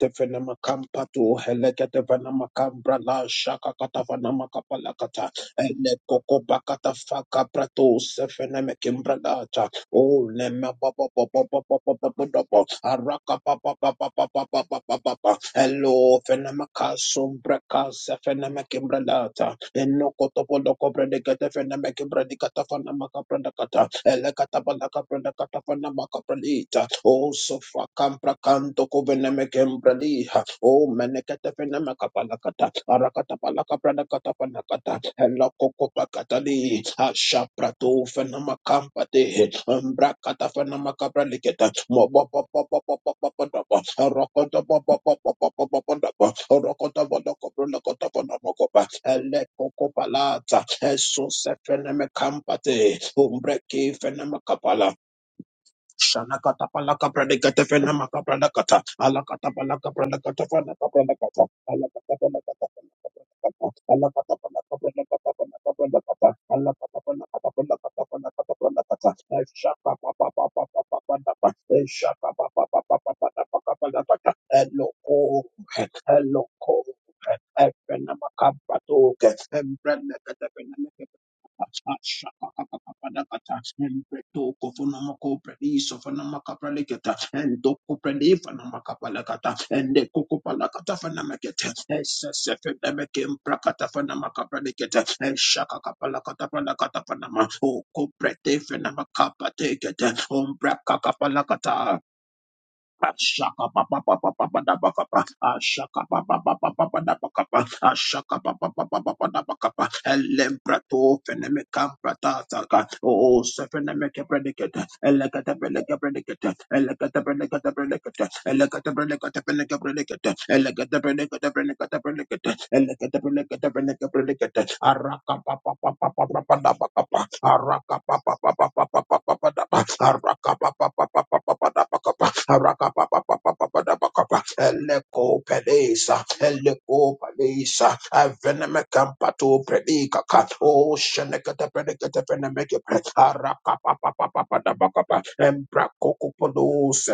Tevenema kampatu helekete venema kambra la shaka kata venema kapala kata ele koko bakata faka prato sefeneme kimbra lata o nema ba ba ba ba ba araka ba ba ba ba ba hello fenema kasombra kasefeneme kimbra Enno kotopolo kobre de kete fena meke bredi kata. Oh, so far, campra canto coveneme cembrali, Oh, menekete fene makapalakata, arakata palaka pranakata panakata, helakoko pakatali, asha prato fene makampate, umbrakata fene makapraliketa, mobopopopopopopopopopopop, arokotopopopopopopopopopop, orokotopopopopopopopopop, elekoko palata, esusefene mekampate, umbreki fene makapala, Shanakata palaka pradikata fena maka pradakata. Alakata palaka pradakata fena maka pradakata. Alakata palakata palaka pradakata. Alakata palaka pradakata palaka pradakata. Alakata palakata palakata palakata pradakata. Eshaka pa pa pa pa pa pa pa pa. Eshaka pa pa pa pa pa pa pa pa pa Eloko, eloko. Efena maka pradoke. Oh, Ashaka papa papa papa da bakapa. Ashaka papa, papa papa da bakapa. Ashaka papa papa, papa da da Ashakapapapapapadamakapa. Ashakapapapapapadamakapa. Ashakapapapapadamakapa. Elembrato fenemekam pratataka. Oh, sefenemeke predicate. Eleko Pedesa Heleko Palisa, Avenemekampato Predika, O Shenekata Predicata Venemeke, Arapa Papa Papa Dabakapa, Embra Cocopodos,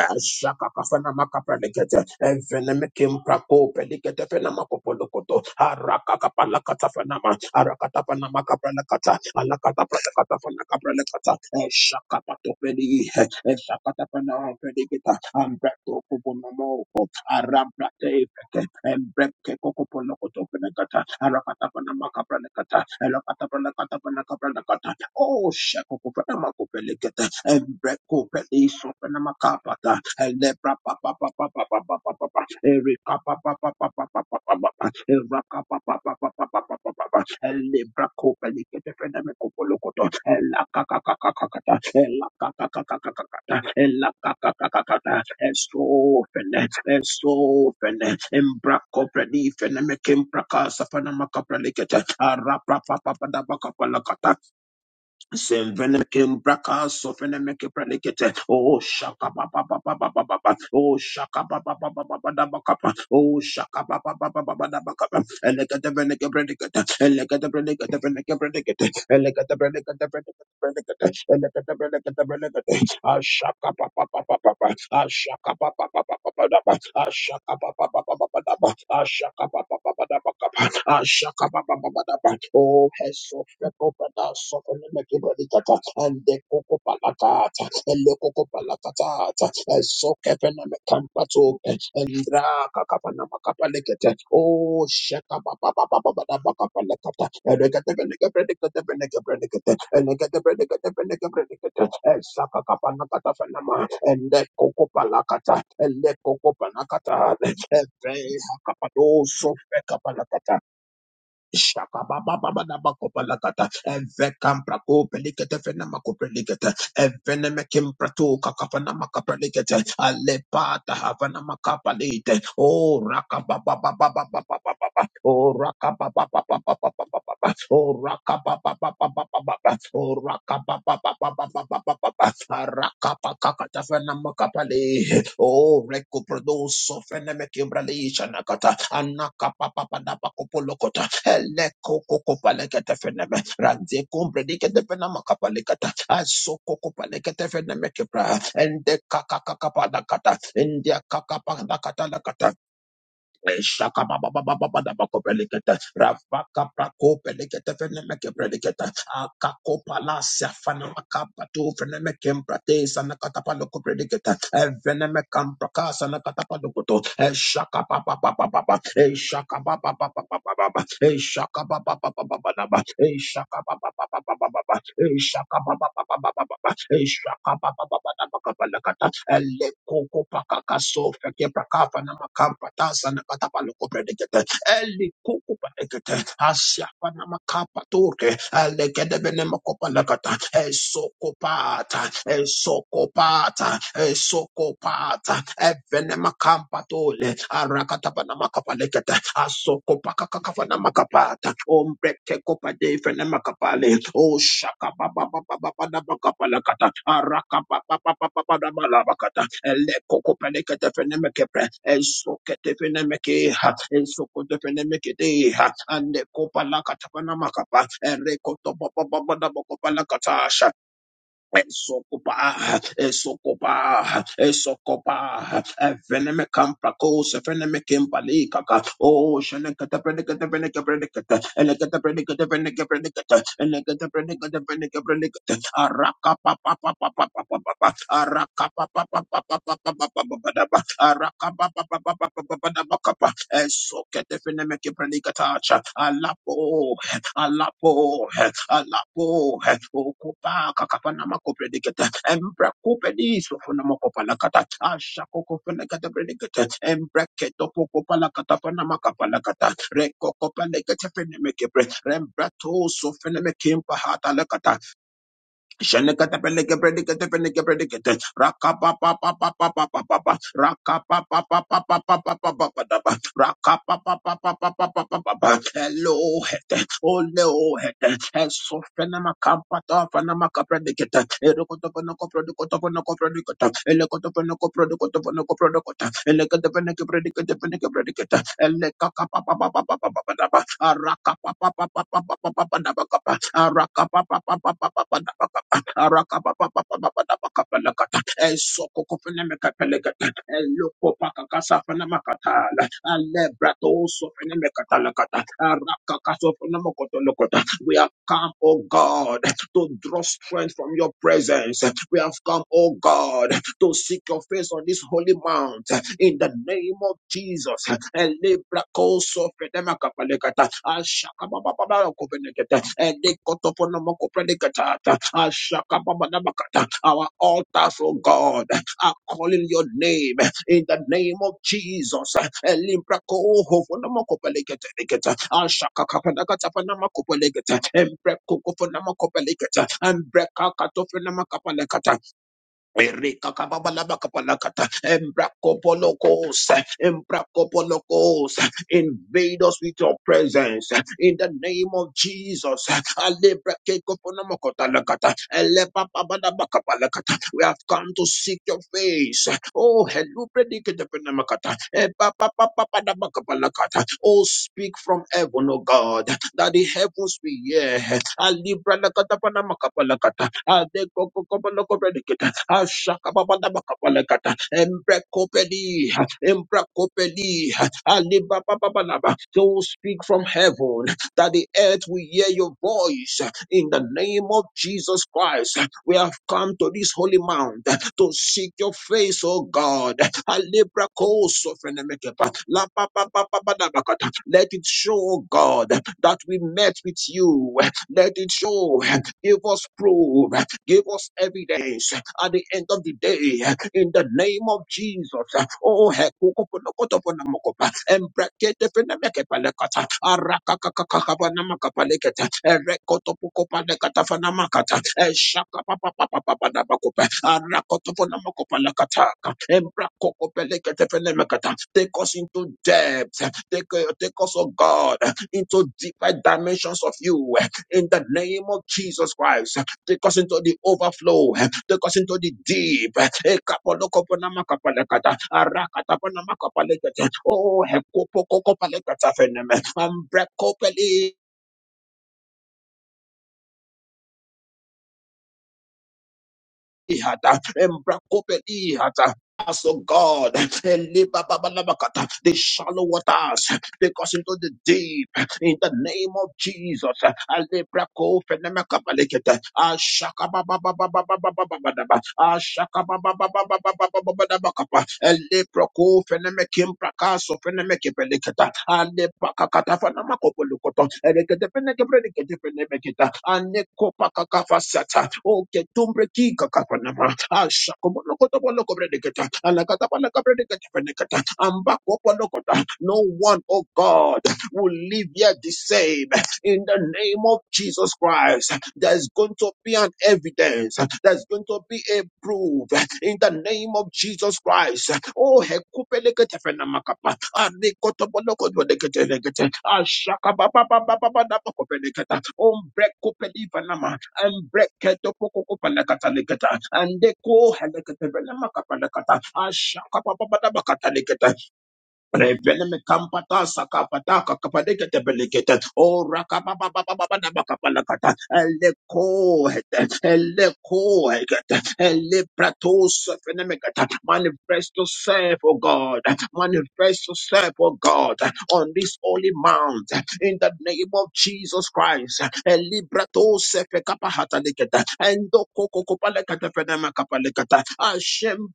Ashaka Fenamaka Predicata, Evenemekim Praco Predicata Fenamacopolocoto, Araka Palakata Fenama, Arakata Panamaka Prelacata, Alakata Prelacata Fanaka Prelecata, Eshaka Patopedi, Eshakata Panama Predicata, Ambra Cocoponomo, Arambrate Ebreke, Embreke Kokoponoko Penekata, Arakata Panamaka Pranekata, Elakata Pranakata Panakapranakata, Oh Shako Penamako Pelekata, Embreko Peliso Penamakapa, Lebra pa pa pa pa pa pa pa pa pa pa. Erika pa pa pa pa pa pa pa pa pa pa. Eraka pa pa pa pa pa pa pa pa pa pa. Lebra ko pelike te fene me ka ka ka ka ka ta. Ela ka ka ka ka ka ka ta. Ela ka ka ka ka ta. Eso fene. Eso fene. Embra ko peli fene me kimbra ka sa fana ma ka pelike te. Ara pa pa pa da pa ka Semvelekem braka sofenemeke predicate. Oh shaka ba ba ba ba ba ba ba ba. Oh shaka ba ba ba ba ba ba da ba kapa. Oh shaka ba ba ba ba ba ba da ba kapa. Elegete veneke predicate. Elegete predicate veneke predicate. Oh, Heso, Rekopata, Sokolemekibadikata, and the Coco Palacata, and the Coco Palacata, and so Kevin and the Ndra kakapa na makapa lekete. Oh, shaka ba ba ba ba ba ba da ba kapa lekata. Erekete beneke brenekete beneke brenekete. Enekete brenekete beneke brenekete. Esaka kapa na kata fenama. Ende koko palakata. Ele koko palakata. Efe hakapa do sofe kapa Shakabababababakopalakata, evekamprakopelekete, fenamakopelekete, evenemekimpato, kakafanamakaprelekete, alepata, havanamakabalete. Oh, rakababababababababa, oh, rakababababababababa, oh, rakabababababababa, oh, rakababababababababa, arakapakakata, fenamakapale. Oh, rekoprodoso, fenemekimbrale, shanakata, anakapapapadapakopolokota, Ele koko kopalekete feneme. Rande kumbre dikete fenama kapalekata. Aso koko palekete feneme kepra. Ende kaka kaka padakata. Ende kaka padakata lakata. Shaka baba baba baba baba kopelekete. Rafa kapra kopelekete feneme akakopalasia fanamakapato venemekempratesa nakatapalokoprediketa evenemekamprakasa nakatapalokoto eshakapapapapapa eshakapapapapapapa eshakapapapapapa eshakapapapapapa eshakapapapapapa eshakapapapapapakapalakata elekokopakakasofekeprakafanamakapratasa nakatapalokoprediketa elikokopakekete Asia Panamakapature, Alekedebelemakopalakata, Esokopata, Esokopata, Esokopata, Evenemacampatole, Arakatapanamakapalecata, Asokopakakafanamacapata, Ombrete Copa de Fenemacapale, O Shaka Baba Baba Baba Baba Baba Baba Baba Baba Baba Baba Baba Baba Baba Baba Elekokopelekatefenemekepre, Esoketefenemekeha, Esokotefenemekedeha, Andekopalakatafanamakapa, Erekotopopopopopopopalakatasha, Esokopa, Esokopa, Esokopa, Eveneme Campacos, Eveneme Campalicaka, O Shanakata Predicata Venica Predicata, Elegata Predicata Venica Predicata, Elegata Predicata Venica Predicata, Araka Papa Papa Papa Papa, Araka Papa Papa Papa Papa Papa, Araka Papa Papa Papa Papa Papa, Esokete Venemeca Predicata, Alapo alapo alapo okopa kakapa nama kopredikete embra kopedi sofo nama kopalakata asha koko fenekete predikete embra keto poko palakata panama kapalakata reko kopalekete fenemeke pre rembra to sofenemeke mpahata Shenekatepeleke predicate peneke predicate. Rakapa papa papa papa papa. Rakapa papa papa papa papa papa. Rakapa papa papa papa papa. Hello hete. Oleo hete. Eso fenama kampa ta fenama kapredicate. Erokotopo noko produkotopo noko predicate. Elekotopo noko produkotopo noko producata. Elekotopeneke predicate peneke predicate. Elekaka Shenekatepelekebredigetepelekebrediget. Rakapapapapapapapapa. Rakapapapapapapapapa. Rakapapapapapapapa. Elohet. Oleohet. Esofenamakapatofenamakaprediget. Erokotokonokoprodokotokonokoprodigot. Elekotokonokoprodokotokonokoprodigot. Elekotokonokopredigetepenekebrediget. Elekakapapapapapapapa. Arakapapapapapapapapa. Arakapapapapapapapa. Arakapapapapapapapapalakata. Esokokofenemekapelekata. Elokopakakasafenemakatala. Alebratoosofenemekatalakata. Arakakasofenemokotolokota. We have come, oh God, to draw strength from your presence. We have come, oh God, to seek your face on this holy mount in the name of Jesus. Elebrakoso fedema kapalekata. ashaka Elebrakosopredermakapalekata, ashakababababakopelekata, elekotoponomokoprelekata, ashakababababakata. Our altars, oh God, are calling your name in the name of Jesus. Elimbrakoho fonama kopelekata lekata. ashaka Elimbrakohofonomokopelekata, ashakakapanakatapanamakopolegata, embrekokofanamakopelekata, embrekakatofonamakapalekata. Erikakababalabakapalakata, Embrakopolokos, Embrakopolokos, Invade us with your presence in the name of Jesus. Alebrakekoponamokotalakata, Elepapabalabakapalakata. We have come to seek your face. Oh, hello, prediketepenamakata, Epapapapapadabakapalakata. Oh, speak from heaven, oh God, that the heavens be will hear. Alibralakatapanamakabalakata, Adekokokopalakopredikete. Ashakababadabakabalakata, Embrekopedi, Embrekopedi, Alibabababalaba. So speak from heaven that the earth will hear your voice in the name of Jesus Christ. We have come to this holy mount to seek your face, O God. Alebrakosofenemekepa, Lapapapapabadabakata. Let it show, O God, that we met with you. Let it show, give us proof Give us evidence at the end of the day in the name of Jesus. Oh, hekukupunukutupunamukupa, embreketepenemekepalekata, arakakakakakapanamakapaleketa, erekotopukopalekatafanamakataa, eshakapapapapapanabakupa, arakotopunamakopalekataka, embrakokopeleketefenemekata. Take us into depth. Take, eh, take us, oh God, into deeper dimensions of you eh, in the name of Jesus Christ. Take us into the overflow. Take us into the deep. Eh, kapolokoponamakapalekata, arakatapanamakapalekata. Oh, hekopokokopalekata feneme, ambrekopeli hata, embrekopeli hata. Us, oh God, Elibababalabakata, the shallow waters, take us into the deep. in the name of Jesus. Alebra ko fenema kabalekete. Ashaka ba ba ba ba ba ba ba ba ba ba da ba. Ashaka ba ba ba ba ba ba ba ba ba ba da ba kapa. Alebra ko fenema kimpra kaso fenema kebelekete. Alebra kakata fenema kopolukoto. Elekete fenema kebelekete fenema kita. Aneko pakakafa sata. Oke tumbre ki kakafanama. Ashaka bolokoto bolokobredekete. Alakata balakabredekete fenekete. Ambako bolokota. No one, oh God will live yet the same. In the name of Jesus Christ, there's going to be an evidence. There's going to be a proof. In the name of Jesus Christ. Oh, hekupelekete fenamakapa. Arikotobolokodwodekete-lekete. Ashakabababababababakopeleketa. Ombrekupelifanama. Embreketopokokopalekata-leketa. Andeko helekete fenamakapalekata. Ashakababababakataleketa. Reveleme kampata sakapata kakapadeke tebelikete o rakapapapapapapakapalakata eleko hete eleko hekete elepratos fenemekata manifest yourself O God manifest yourself O God on this holy mount in the name of Jesus Christ elibratos fekapahatalikete endokokokopalekete fenemekapalekata ashem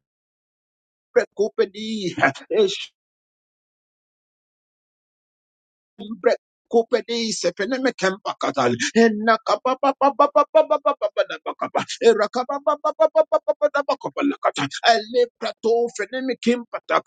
Pekupedi, Bre- Kupenise peneme kempa katal enna kapa pa pa pa pa pa pa pa pa pa da pa kapa era kapa pa pa pa pa pa pa pa da pa kapa ele prato feneme kempa ta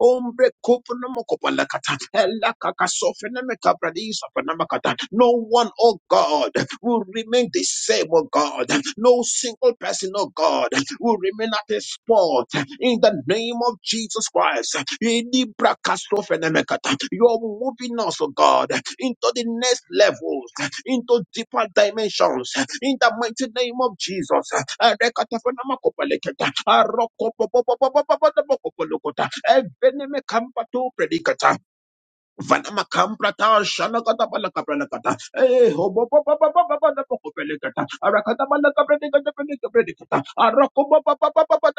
ombre kupu no mo kapa kata ela kaka so feneme kabradisa peneme kata no one oh God will remain the same oh God no single person oh God will remain at a spot in the name of Jesus Christ. Elibra kastofenemekata. You are moving us, oh God, into the next levels, into deeper dimensions, in the mighty name of Jesus. Erekatafenamakopaleketa. Arokopopopopopopopopopokolokota. Evenemekampatopredikata. Vanamakamprata, shanakata balakabranakata. Eh, hobo pa pa pa Arakata balakabranakata balakabranakata. Arako pa pa pa pa pa pa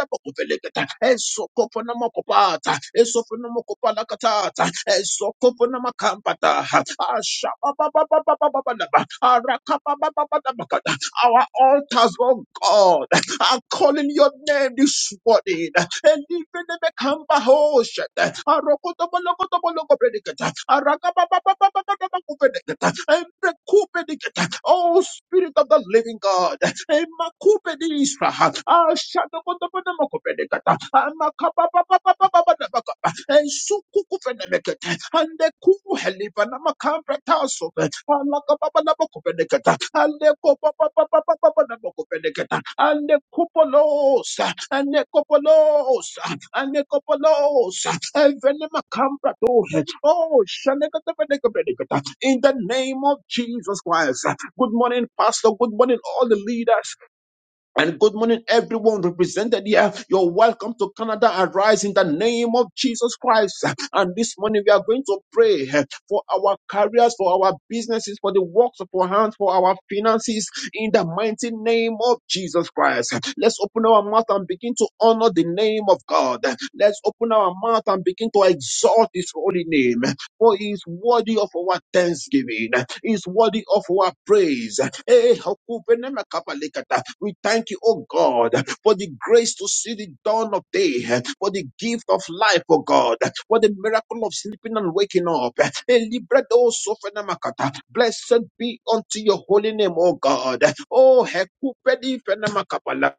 Asha pa pa pa pa pa pa pa Our altars, oh God, are calling your name this morning. Oh Spirit of the Living God, oh Spirit of the Living God, oh Spirit of the Living God, oh Spirit of the Living God. Anekopolos, Anekopolos, Evenemakambratos. Oh, Shanekatabenekabedekata. in the name of Jesus Christ. Good morning, Pastor. Good morning, all the leaders. And good morning, everyone represented here. You're welcome to Canada Arise in the name of Jesus Christ. And this morning we are going to pray for our careers, for our businesses, for the works of our hands, for our finances in the mighty name of Jesus Christ. Let's open our mouth and begin to honor the name of God. Let's open our mouth and begin to exalt his holy name. For he is worthy of our thanksgiving. He is worthy of our praise. Eh, Hokupenemakapalekata. We thank you, oh God, for the grace to see the dawn of day, for the gift of life, oh God, for the miracle of sleeping and waking up. Eh, Libredo Sofenamakata. Blessed be unto your holy name, oh God. Oh, Hekupedi Fenamakapala.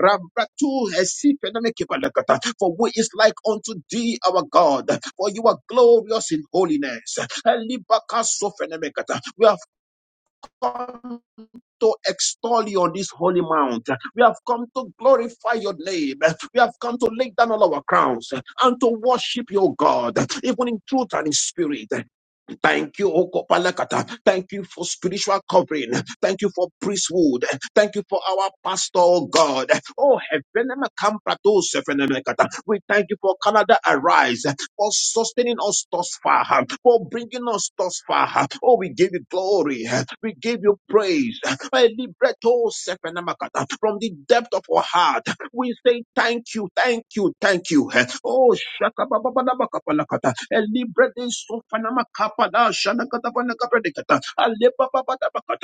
Rabratu esipedane kepalakata. For who is like unto thee, our God? For you are glorious in holiness. Elibaka sofenemekata. We have come to extol you on this holy mount. We have come to glorify your name. We have come to lay down all our crowns and to worship your God, even in truth and in spirit. Thank you, O Kopalakata. Thank you for spiritual covering. Thank you for priesthood. Thank you for our pastor, O God. Oh, Heavenema Kamprato Sefenemekata. we thank you for Canada Arise, for sustaining us thus far, for bringing us thus far. Oh, we give you glory. We give you praise. Eh, Libretto Sefenemakata. From the depth of our heart, we say thank you, thank you, thank you. Eh, Oh, shaka ba ba ba da ba ka pa la ka ta. Elibre de so fa na Ale ba ba ba da ba ka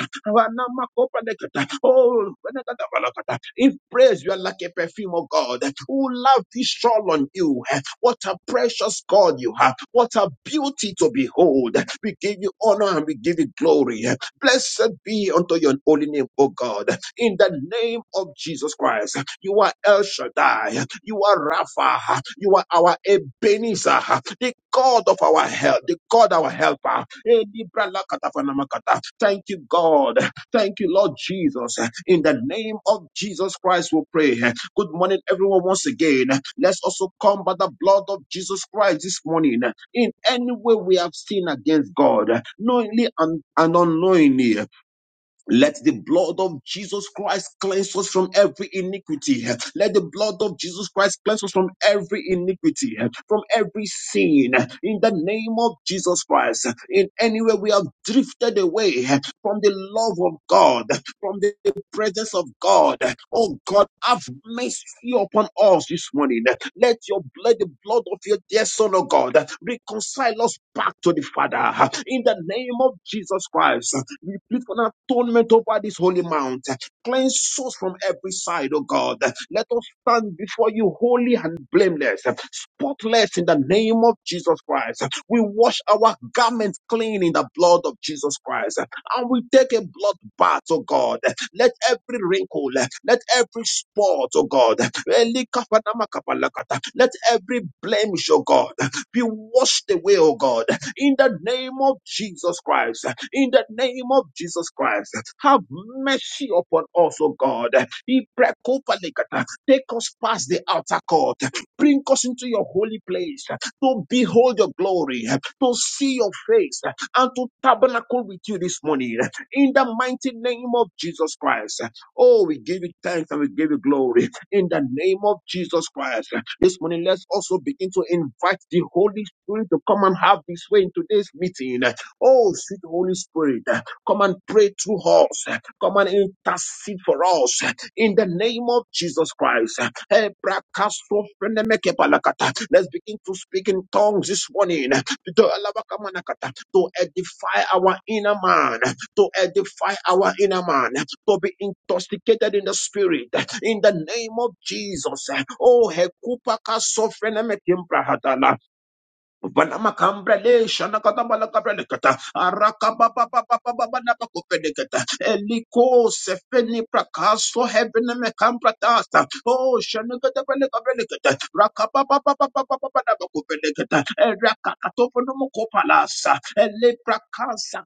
Oh, ba na ka if praise you are like a perfume, oh God, who lavish all on you. eh, What a precious God you have. What a beauty to behold. We give you honor and we give you glory. eh. Blessed be unto your holy name, O God in the name of Jesus Christ. You are El Shaddai. You are Rapha. You are our Ebenezer, the God of our help, the God our helper. Eh, Libra lakata fanamakata. Thank you, God. Thank you, Lord Jesus. In the name of Jesus Christ, we pray. Good morning, everyone, once again. Let's also come by the blood of Jesus Christ this morning. In any way we have sinned against God, knowingly and, and unknowingly, let the blood of Jesus Christ cleanse us from every iniquity. Let the blood of Jesus Christ cleanse us from every iniquity, from every sin. In the name of Jesus Christ, in any way we have drifted away from the love of God, from the presence of God. Oh God, have mercy upon us this morning. Let your blood, the blood of your dear Son, oh God, reconcile us back to the Father. In the name of Jesus Christ, we plead for an atonement over this holy mount. Cleanse us from every side, oh God. Let us stand before you holy and blameless, spotless in the name of Jesus Christ. We wash our garments clean in the blood of Jesus Christ and we take a blood bath, oh God. Let every wrinkle, let every spot, oh God, let every blemish, oh God, be washed away, oh God, in the name of Jesus Christ. In the name of Jesus Christ, have mercy upon us, oh God. Take us past the outer court, bring us into your holy place to behold your glory, to see your face and to tabernacle with you this morning in the mighty name of Jesus Christ. Oh, we give you thanks and we give you glory in the name of Jesus Christ. This morning, let's also begin to invite the Holy Spirit to come and have his way in today's meeting. Oh, sweet Holy Spirit, come and pray through us, come and intercede for us in the name of Jesus Christ. Hey, Let's begin to speak in tongues this morning to edify our inner man, to edify our inner man, to be intoxicated in the spirit, in the name of Jesus. Oh, Hekupaka Sofrenemekim Vanamakambra shana katabala kabrele kata araka baba baba baba bana pakopele kata eliko sefeni prakaso hebene mekambra tata oh shana katabala kabrele kata raka baba baba baba baba bana pakopele kata eraka katopo no mokopala sa ele prakasa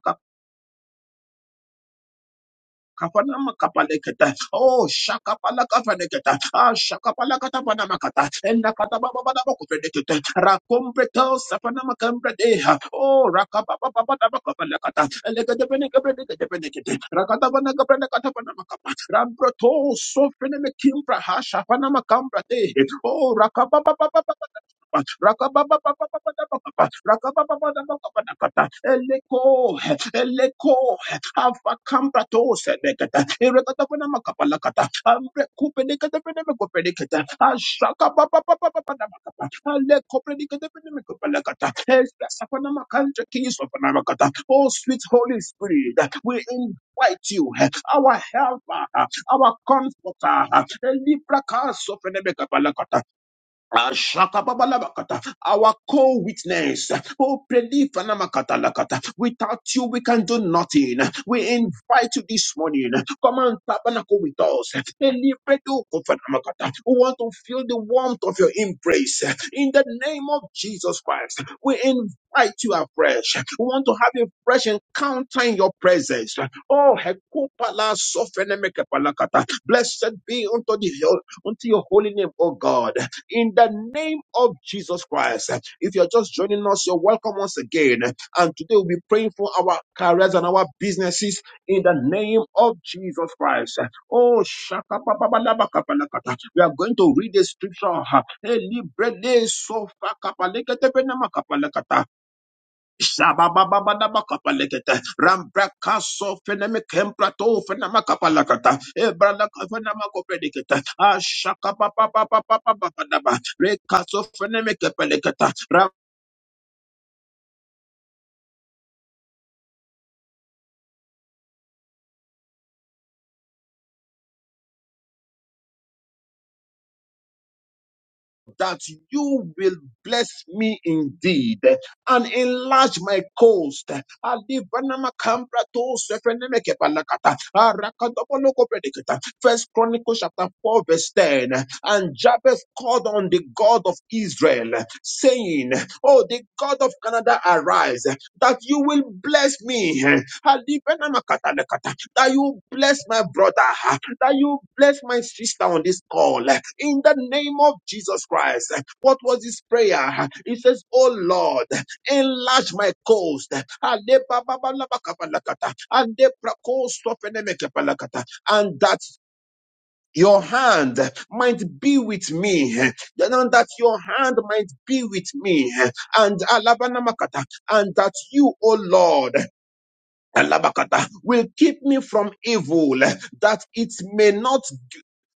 Kapanama kapaleketa. Oh, shakapala kapaneketa. Ah, shakapala katapana makata. Enda katababa bana makupeleketa. Rakombreta sapanama kambredeha. Oh, rakapapa bana makapalekata. Elekete pene kapelekete penekete. Rakata bana kapene katapana makapa. Rambroto sofene mekimbra ha shapana makambrade. Oh, rakapapa bana makapa. Rakapapa bana makapa. Rakapapa bana makapa nakata. Eleko, eleko. Afa kamprato sedekata. Irekata pena makapalakata. Amre kupedekata pena makopedekata. Ashaka pa pa pa pa pa pa na makapa. Ale kopedekata pena makopalakata. Esta sapana makanja kiso pana makata. Oh sweet Holy Spirit, we invite you, our helper, our comforter. Libra kaso pena Ashakababalabakata, Our co-witness. Oh, prelifanamakatalakata. Without you, we can do nothing. We invite you this morning. Come and tabernacle with us. Elipredokofanamakata. We want to feel the warmth of your embrace. In the name of Jesus Christ, we invite you afresh. We want to have a fresh encounter in your presence. Oh, hekupala sofenemekepalakata. blessed be unto the unto your holy name, O God in the name of Jesus Christ. If you're just joining us, you're welcome once again. And today we'll be praying for our careers and our businesses in the name of Jesus Christ. Oh, shaka ba ba ba la ba ka ba la ka ta. we are going to read the scripture. Eh, libre de so fa ka pa le ke te pe na ma ka pa la ka ta. Shabababababakapalekete. Rambrakaso fenemekemprato fenemakapalakata. Ebralaka fenemakopedikete. Ashakapapapapapapapapa. Rekaso fenemekepelekete. that you will bless me indeed and enlarge my coast. Alivanama kambra to sefeneme kepalakata. Arakadobolo kopedikata. First Chronicles chapter 4, verse 10. And Jabez called on the God of Israel, saying, Oh, the God of Canada, arise that you will bless me. Alibenamakatalekata. That you bless my brother. That you bless my sister on this call. In the name of Jesus Christ. What was his prayer? He says, Oh Lord, enlarge my coast. Alebababalabakabalakata. Andeprakostopenemekepalakata. And that your hand might be with me, you know, that your hand might be with me, and Alabanamakata, and that you, O Lord, Alabakata, will keep me from evil, that it may not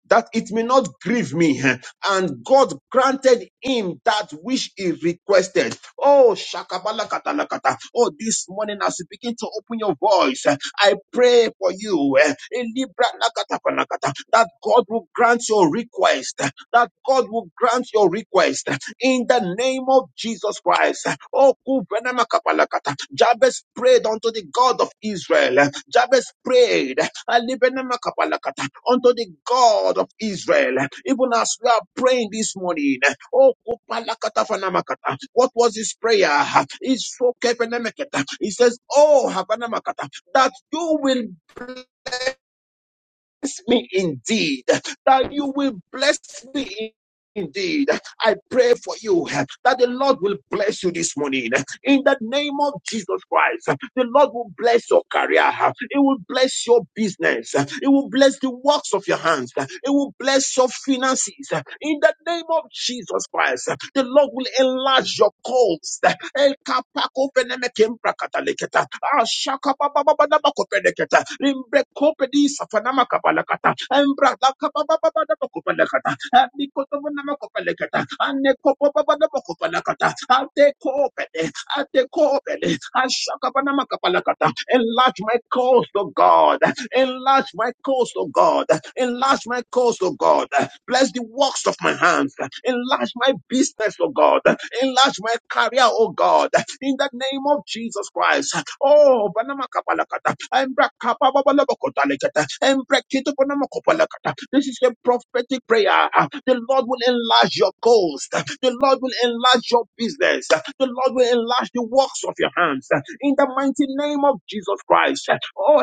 that it may not grieve me. eh, And God granted him that which he requested. Oh, shakabala shakabalakatalakata. Oh, this morning as you begin to open your voice, eh, I pray for you eh, elibranakatapanakata, that God will grant your request, eh, that God will grant your request eh, in the name of of Jesus Christ. Oh, Kubenemakapalakata. Jabez prayed unto the God of Israel. Jabez prayed Alibenemakapalakata, unto the God of Israel. Even as we are praying this morning, oh, Kupalakatafanamakata. what was his prayer? It's so Kebenemeketa. He says, Oh, Habanamakata, that you will bless me indeed, that you will bless me indeed. I pray for you that the Lord will bless you this morning. In the name of Jesus Christ, the Lord will bless your career. It will bless your business. It will bless the works of your hands. It will bless your finances. In the name of Jesus Christ, the Lord will enlarge your coast. Ashaka baba baba nama kopeleketa. Limbre di safanama kapalakata. Embra kaba baba baba nama kopelekata. Amikoto nama kopeleketa. Ane baba nama kopelekata. Ate kopele. Ashaka baba nama kapalakata. Enlarge my cause, O God. Enlarge my cause, O God. Enlarge my cause, O God. Bless bless the works of my hands. Enlarge my business, oh God. Enlarge my career, oh God. In the name of Jesus Christ. Oh, banama kapalakata. This is a prophetic prayer. The Lord will enlarge your coast. The Lord will enlarge your business. The Lord will enlarge the works of your hands. In the mighty name of Jesus Christ. Oh,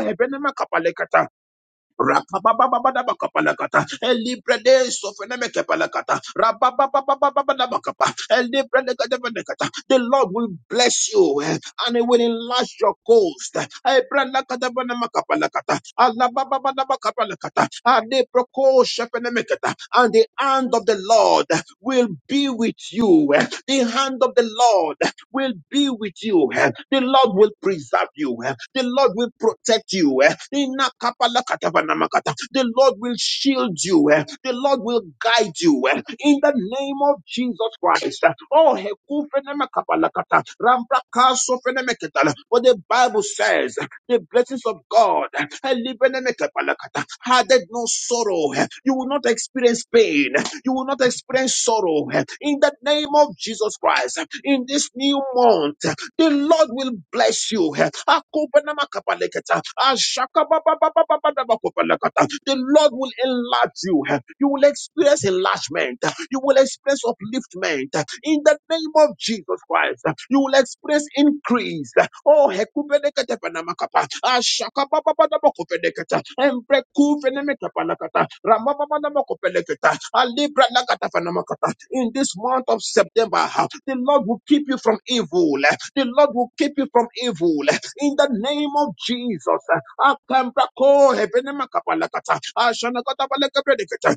Rapapapapapapakapalakata. Elibrede sofenemekepalakata. Rapapapapapapakapa. Elibredekadebedekata. The Lord will bless you eh, and He will enlarge your coast. Ebrelakadabenemakapalakata. Alababababakapalakata. Adeprokoshepenemeketa. And the hand of the Lord will be with you. eh. The hand of the Lord will be with you. eh. The Lord will preserve you. eh. The Lord will protect you. eh. Inakapalakatabanakata. The Lord will shield you. eh. The Lord will guide you. eh. In the name of Jesus Christ. eh. Oh, hekufenemakapalakata. Rambrakasofenemeketala. for the Bible says, eh, the blessings of God eh, libenemekepalakata. added no sorrow. eh. You will not experience pain. eh. You will not experience sorrow. eh, In the name of Jesus Christ, eh, in this new month, eh, the Lord will bless you. Akobenamakapaleketa, ashakabababababababakopalekata. The Lord will enlarge you. eh, You will experience enlargement. eh, you will experience upliftment uh, in the name of Jesus Christ. Uh, You will experience increase. Uh, Oh, hekupedekete panamakapa. Ashakapapapadamakopedekete. Embrekufenemekepalakata. Ramapapadamakopelekete. Alibranakata panamakata. In this month of September, uh, the Lord will keep you from evil. Uh, The Lord will keep you from evil. Uh, In the name of Jesus. Akambrako hebenemakapalakata. Ashanakatapalekepedekete.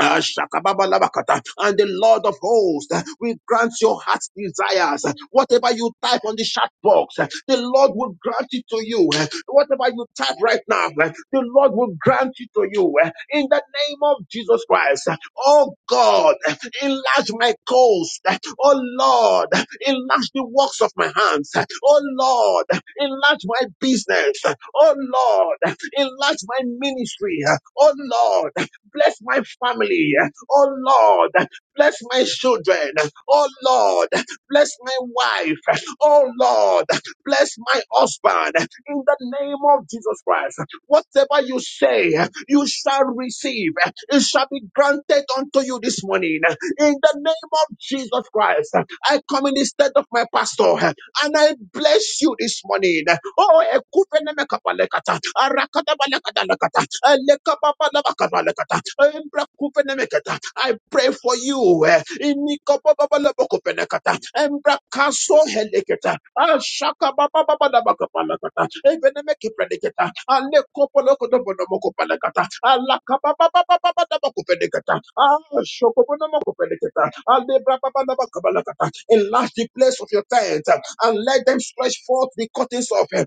Ah, shakababalabakata. And the Lord of hosts uh, will grant your heart's desires. Whatever you type on the chat box, uh, the Lord will grant it to you. Uh, Whatever you type right now, uh, the Lord will grant it to you. Uh, In the name of Jesus Christ. uh, Oh God, uh, enlarge my coast. Uh, Oh Lord, uh, enlarge the works of my hands. Uh, Oh Lord, uh, enlarge my business. Uh, Oh Lord, uh, enlarge my ministry. Uh, Oh Lord. Bless my family. Oh Lord, bless my children. Oh Lord, bless my wife. Oh Lord, bless my husband. In the name of Jesus Christ, whatever you say, you shall receive. It shall be granted unto you this morning. In the name of Jesus Christ, I come in the stead of my pastor and I bless you this morning. Oh, ekupenemekapalekata, arakadabalekadalekata, elekababalabakabalekata, embrakupenemekata. I pray for you. eh, inikobabalabakapenekata, embrakasoheleketa, ashakababababakabalekata, ebenemekipredeketa, alekopolokodobonomokopalekata, alakabababababakapenekata, ashokobonomokopeleketa, alebrabababakabalekata. Enlarge the place of your tent and let them stretch forth the curtains of eh,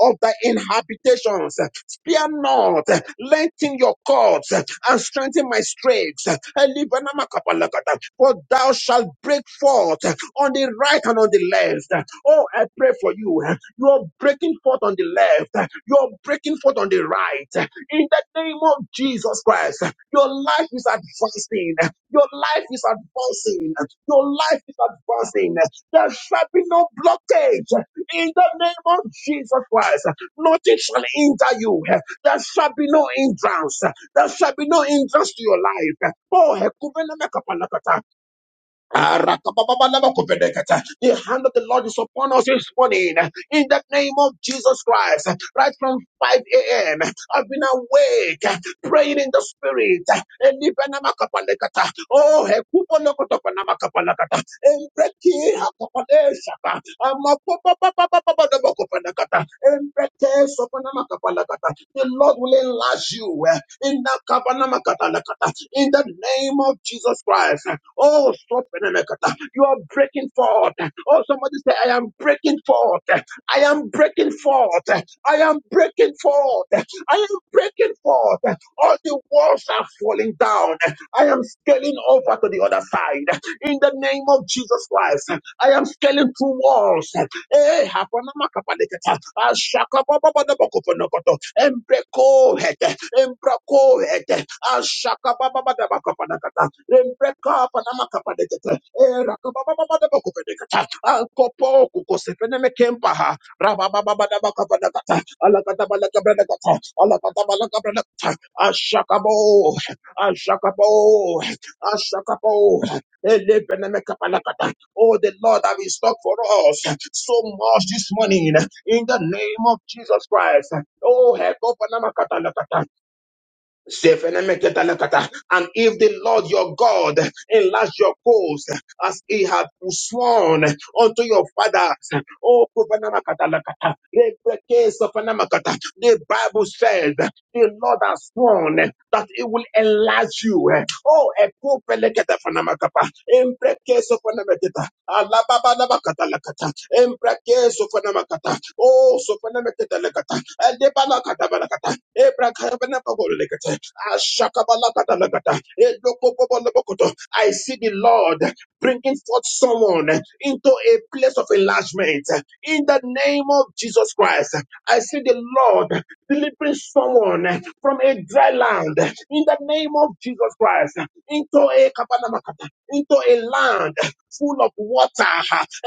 of thy inhabitations. Spare not, eh, lengthen your cords eh, and strengthen my strength. For thou shalt break forth eh, on the right and on the left. Oh, I pray for you. eh, You are breaking forth on the left. eh, You are breaking forth on the right. eh, in the name of Jesus Christ, your life is advancing. Your life is advancing. Your life is advancing. There shall be no blockage. In the name of Jesus Christ, nothing shall hinder you. There shall be no hindrance. There shall be no hindrance to your life. Oh, Arakababalabakopenekata. The hand of the Lord is upon us this morning in the name of Jesus Christ. Right from 5 a.m., I've been awake, praying in the spirit. Elibenamakapalekata. Oh, hekupolokotopanamakapanakata. Embreki hakapadeshaka. Amakopapapapapapadabakopenekata. Embreke sopanamakapalakata. The Lord will enlarge you in the in the name of Jesus Christ. Oh, stop. You are breaking forth. Oh, somebody say, I am breaking forth. I am breaking forth. I am breaking forth. I am breaking forth. All the walls are falling down. I am scaling over to the other side. In the name of Jesus Christ, I am scaling through walls. Eh, hapanamakapadeketa, ashakabababadabakoponokoto, embreko hete, embrako hete, ashakabababadabakopodakata. Rembreka Panama Kapadekata, Erakababababababakopedekata, Alkopo Kukosepenemekempa, Rababababababakabadakata, Alakatabalakabradakata, Alakatabalakabradakata, Ashakabo, Ashakabo, Ashakabo, Elepenemekapalakata. Oh, the Lord have in stock for us so much this morning in the name of Jesus Christ. Oh, Hekopanamakatalakata. Zefenemeketalakata. And if the Lord your God enlarge your coast as he had sworn unto your fathers, oh, Kupanamakata, Rebekezopanamakata. the Bible says the Lord has sworn that he will enlarge you. Oh, Ekupeleketafanamakapa, Emprekezopanamaketa. Alababalabacatalacata, Embraque Sophonamakata, O Sophonamakatalacata, Alebalacatabacata, Ebracabanapabolicata, Ashakabalakatalacata, Edokobobolobokoto. I see the Lord bringing forth someone into a place of enlargement in the name of Jesus Christ. I see the Lord delivering someone from a dry land in the name of Jesus Christ into a Kapanamakata, into a land full of water,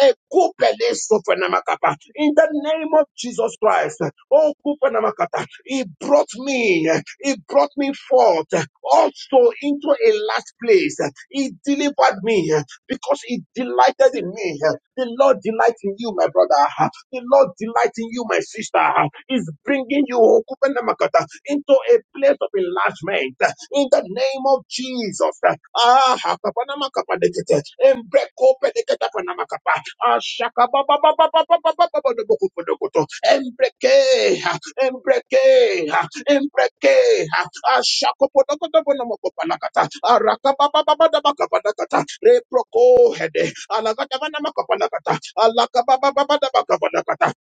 a kupele sofenamakapa. in the name of Jesus Christ. Oh, kupanamakata. he brought me, he brought me forth also into a last place. He delivered me because he delighted in me. The Lord delights in you, my brother. The Lord delighting you, my sister, is bringing you into a place of enlargement in the name of Jesus. Ah, kapana makapa ngeke, embeke kope ngeke tapana makapa. Ashaka ba ba ba ba ba ba ba ba ba ba kubo kubo ngoto embeke embeke. Embreke, Ashakopodokodobonamokopalakata, Arakababababadabakabalakata, Reprokohede, Alakatabanamakabalakata, Alakababababadabakabalakata,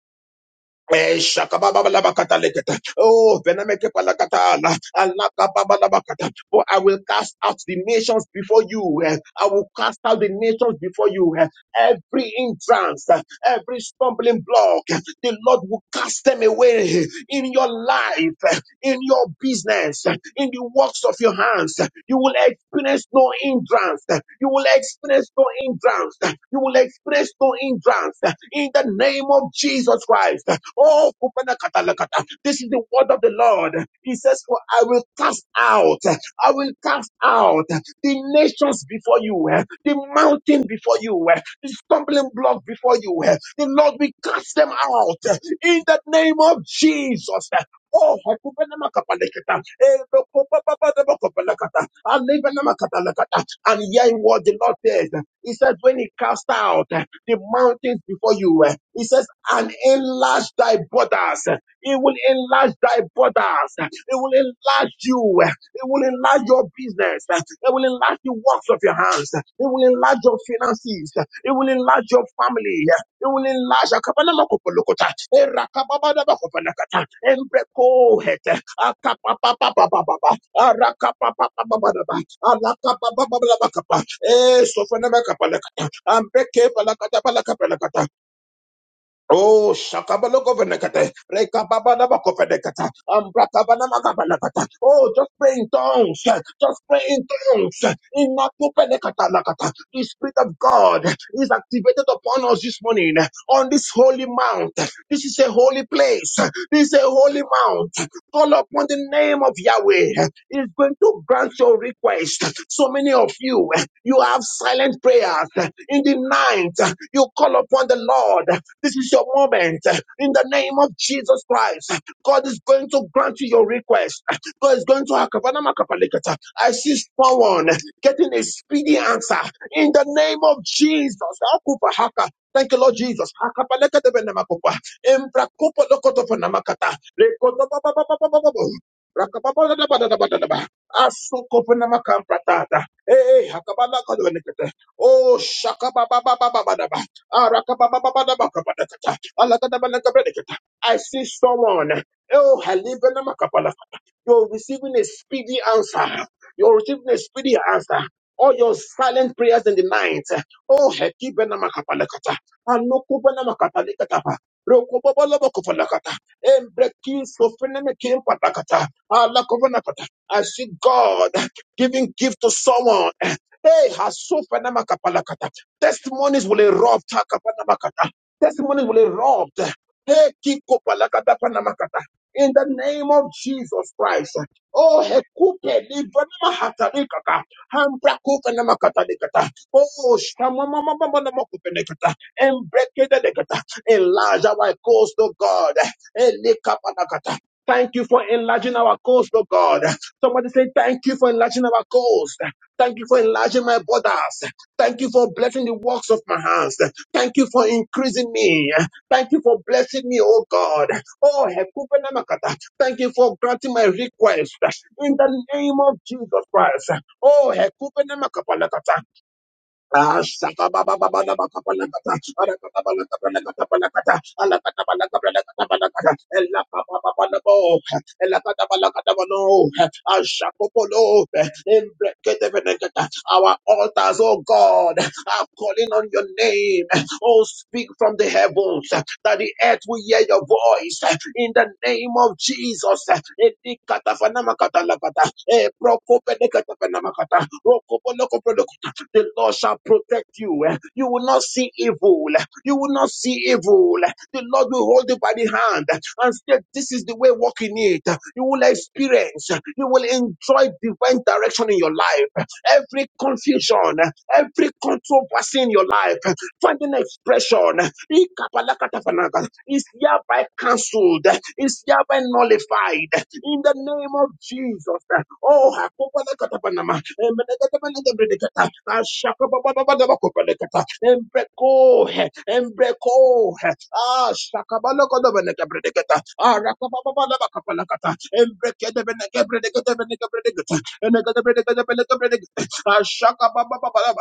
Eshakabababalabakataleketa. Oh, Venemekepalakatala, Alakababalabakata. for I will cast out the nations before you. eh. I will cast out the nations before you. eh. Every entrance, eh, every stumbling block, eh, the Lord will cast them away in your life. eh, in your business, in the works of your hands. You will experience no hindrance. You will experience no hindrance. You will experience no hindrance in the name of Jesus Christ. Oh, kupanakatalakata. this is the word of the Lord. He says, For I will cast out, I will cast out the nations before you, eh, the mountain before you, eh, the stumbling block before you. eh. The Lord will cast them out eh, in the name of Jesus. Oh, hakupenamakapaleketa. Eh, dokopapapadamakopalekata. Alevenamakapalekata. And hearing what the Lord says, He says, when He cast out eh, the mountains before you, eh, He says, and enlarge thy borders. It will enlarge thy borders. It will enlarge you. It will enlarge your business. It will enlarge the works of your hands. It will enlarge your finances. It will enlarge your family iulinlaza kapanamokopolokota erakababadabakopalakata embrekohete akapapapapapapa arakapapapapapa alakapapapapapa esofenemekapalakata ambrekepalakatapalakapalakata Oh, shakabalokovanekate, lekababadabakovenekata, ambrakabanamagabanakata. Oh, just pray in tongues. Just pray in tongues. Inatu Venekata nakata. The Spirit of God is activated upon us this morning on this holy mount. This is a holy place. This is a holy mount. Call upon the name of Yahweh. He's going to grant your request. So many of you, you have silent prayers in the night. You call upon the Lord. This is your moment. In the name of Jesus Christ, God is going to grant you your request. God is going to Akabanamakabalekata. I see someone getting a speedy answer. In the name of Jesus. Thank you, Lord Jesus. Akabalekatebenemakupa. Emprakupolokotoponamakata. Lekotopapapapapapapapo. Rakapapadadabadadabadadaba. Asukoponamakampratata. Hey, hey, akabalakadobenekete. Oh, shaka ba ba ba ba ba ba ba. I see someone. Oh, halibanamakapalakata. You're receiving a speedy answer. You're receiving a speedy answer. All your silent prayers in the night. Oh, hekibanamakabalakata. Alokubanamakatalikataba. Rokobobolobokopalakata. Embrekisofenemekimpadakata. Alakobanakata. I see God giving gift to someone. Hey, Hasufanama Testimonies will erupt. Takapanabakata. Testimonies will erupt. Hey, Kikopalakatapanamakata. In the name of Jesus Christ. Oh, Hekupe, Livanamahatarikata. Hambrakupanamakatarikata. Oh, Shamamamamamanamakupinekata. Embrekedelekata. Enlarge our coast, oh God. Elikapanakata. Thank you for enlarging our coast, oh God. Somebody say, Thank you for enlarging our coast. Thank you for enlarging my borders. Thank you for blessing the works of my hands. Thank you for increasing me. Thank you for blessing me, oh God. Oh, Hekupena Makata. thank you for granting my request in the name of Jesus Christ. Oh, Hekupena Makapalakata. Our altars, oh God, are calling on your name. Oh, speak from the heavens that the earth will hear your voice in the name of Jesus. Elikatafanamakata lakata. Eh, prokopenekatapenamakata. The Lord shall protect you. You will not see evil. You will not see evil. The Lord will hold you by the hand and say, This is the way, walk in it. You will experience, you will enjoy divine direction in your life. Every confusion, every controversy in your life finding expression Ikapalakatapanaka, is hereby cancelled, is hereby nullified in the name of Jesus. Oh, hakopalakatapanama, embelekatapanakabredekata, ashakabababababakopalekata, embreko, embreko, ah, shakabalakatapanakabredekata, ah, rakababababakapalakata, embrekedebenekabredekatabenekabredekata, enekatabenekatabenekabredekata, ashakabababababa.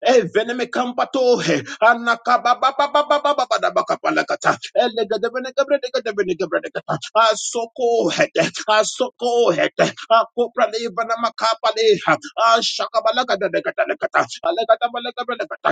Eveneme kampatohe. Anakababababababababababakapalakata. Elegedebenegabredegedebenegabredegata. Asokohete. Asokohete. Akopralevanamakapaneha. Ashakabalagadedegadelegata. Alegatabalegabrelegata.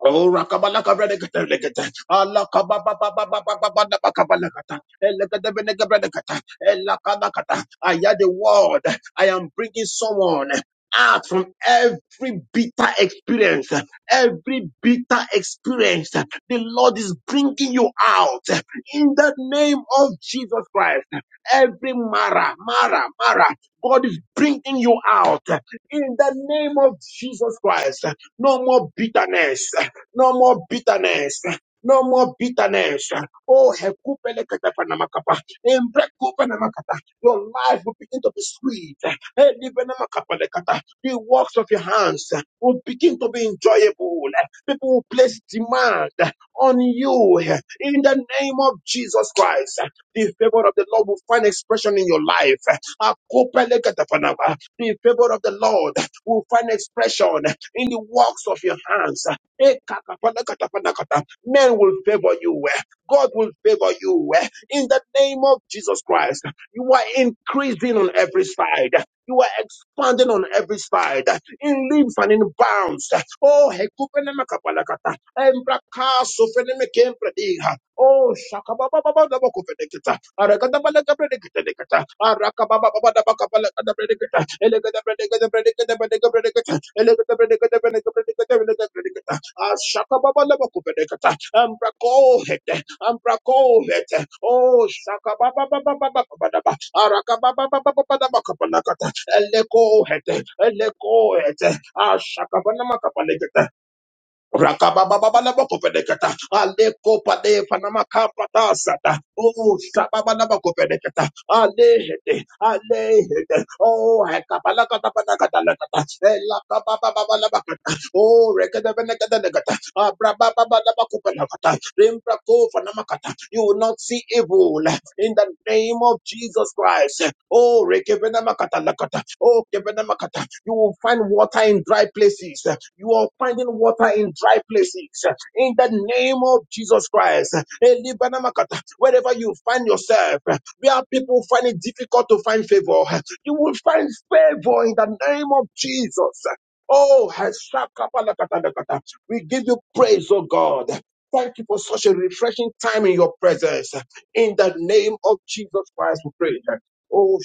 Oh, rakabala kabrenekelekele, alakabababababababababakabala katan, elkelekelenekebrenekele, elaka nakatan. I hear the word. I am bringing someone out from every bitter experience. Every bitter experience. The Lord is bringing you out in the name of Jesus Christ. Every Mara, Mara, Mara. God is bringing you out in the name of Jesus Christ. No more bitterness. No more bitterness. No more bitterness. Oh, hekupelekatapanamaka. Embrekupenamakata. your life will begin to be sweet. Elibenamakapalekata. The works of your hands will begin to be enjoyable. People will place demand on you in the name of Jesus Christ. The favor of the Lord will find expression in your life. Akopelekatapanama. The favor of the Lord will find expression in the works of your hands. Ekakapanakatapanakat. Men will favor you. eh. God will favor you. eh. In the name of Jesus Christ, you are increasing on every side. You are expanding on every side, in leaps and in bounds. Oh, hekupenemakapalakata. Embrakasofenemekemprediha. Oh, shakabababababakofeneketa. Arakatabalakaprediketeketa. Arakabababababakapalakataprediketa. Elekataprediketeketa. Elekataprediketeketa. Elekataprediketeketa. Elekataprediketeketa. Shakababalabakubenekata, Ambrakohete, Ambrakohete, Oh Shakababababababababa, Arakababababababababakabakata, Elekohete, Elekohete, Ah, Rakababababalabakopenekata. Alekopadefanamakapatasa. Oh, sababalabakopenekata. Alehede, alehede. Oh, hekabalakatapanakatalakata. Elakababababalabakata. Oh, rekedebenekadekata. Abrabababalabakopenekata. Rimbrakovanamakata. You will not see evil in the name of Jesus Christ. Oh, rekebenamakata Oh, kebenamakata. you will find water in dry places. You are finding water in dry places. In the name of Jesus Christ. Elibenamakata. Wherever you find yourself, where people find it difficult to find favor, you will find favor in the name of Jesus. Oh, Heshakapalakatalakata. we give you praise, oh God. Thank you for such a refreshing time in your presence. In the name of Jesus Christ, we pray. Oh,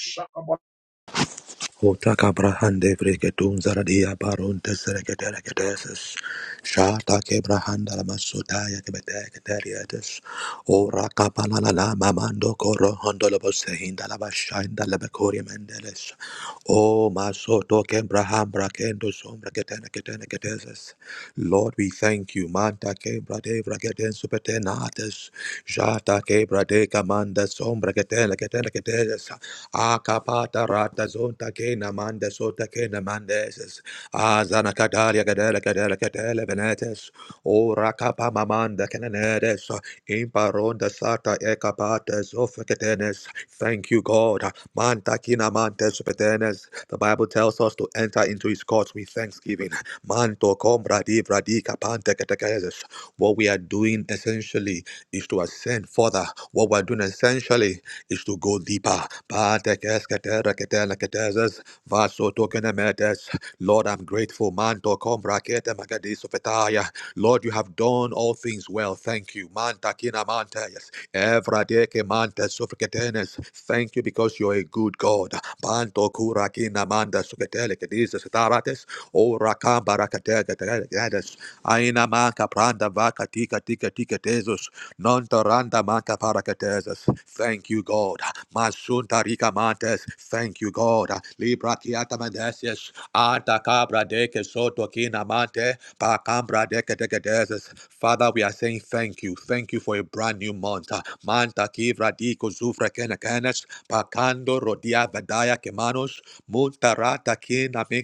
Otaka brahande bregetun zaradia baron teseregeteregetesis. Shata ke brahanda la masutaya ke betegeteriatis. Ora kapalala la mamando koro hondo la bosehinda la bashainda la mendeles. O masoto ke braham brakendo sombra ketene ketene ketesis. Lord, we thank you. Manta quebra de bragade supertenatas. Jata quebra de camanda sombra que tela que tela que telas. Acapata rata zonta que namanda sota que namandes. Azana cadaria cadela cadela cadela venetes. Ora capa mamanda cananedes. Imparonda sata ecapates ofecatenes. Thank you, God. Manta kina manta supertenes. The Bible tells us to enter into his courts with thanksgiving. Manto kom bradi bradi kapante ketekes. What we are doing essentially is to ascend further. What we are doing essentially is to go deeper. Patekes ketere ketele keteses. Vaso tokene metes. Lord, I'm grateful. Manto kom brakete magadis sofetaya. Lord, you have done all things well. Thank you. Manta kina mantes. Evra deke mantes sofeketenes. Thank you because you're a good God. Banto kura kina manda sofetele kedis Gates, O Raka Barakatega Gates, Aina Maka Pranda Vaka Tika Tika Tika Tesus, Nonta Randa Maka Parakatesas. Thank you, God. Masunta Rika Mantes, thank you, God. Libra Kiata Mandesias, Anta Cabra Deke Soto Kina Mante, Pacambra Deke Deke Desas. Father, we are saying thank you. Thank you for a brand new month. Manta Kivra Diko Zufra Kenakanes, Pacando Rodia Vadaya Kemanos, muntarata Thank you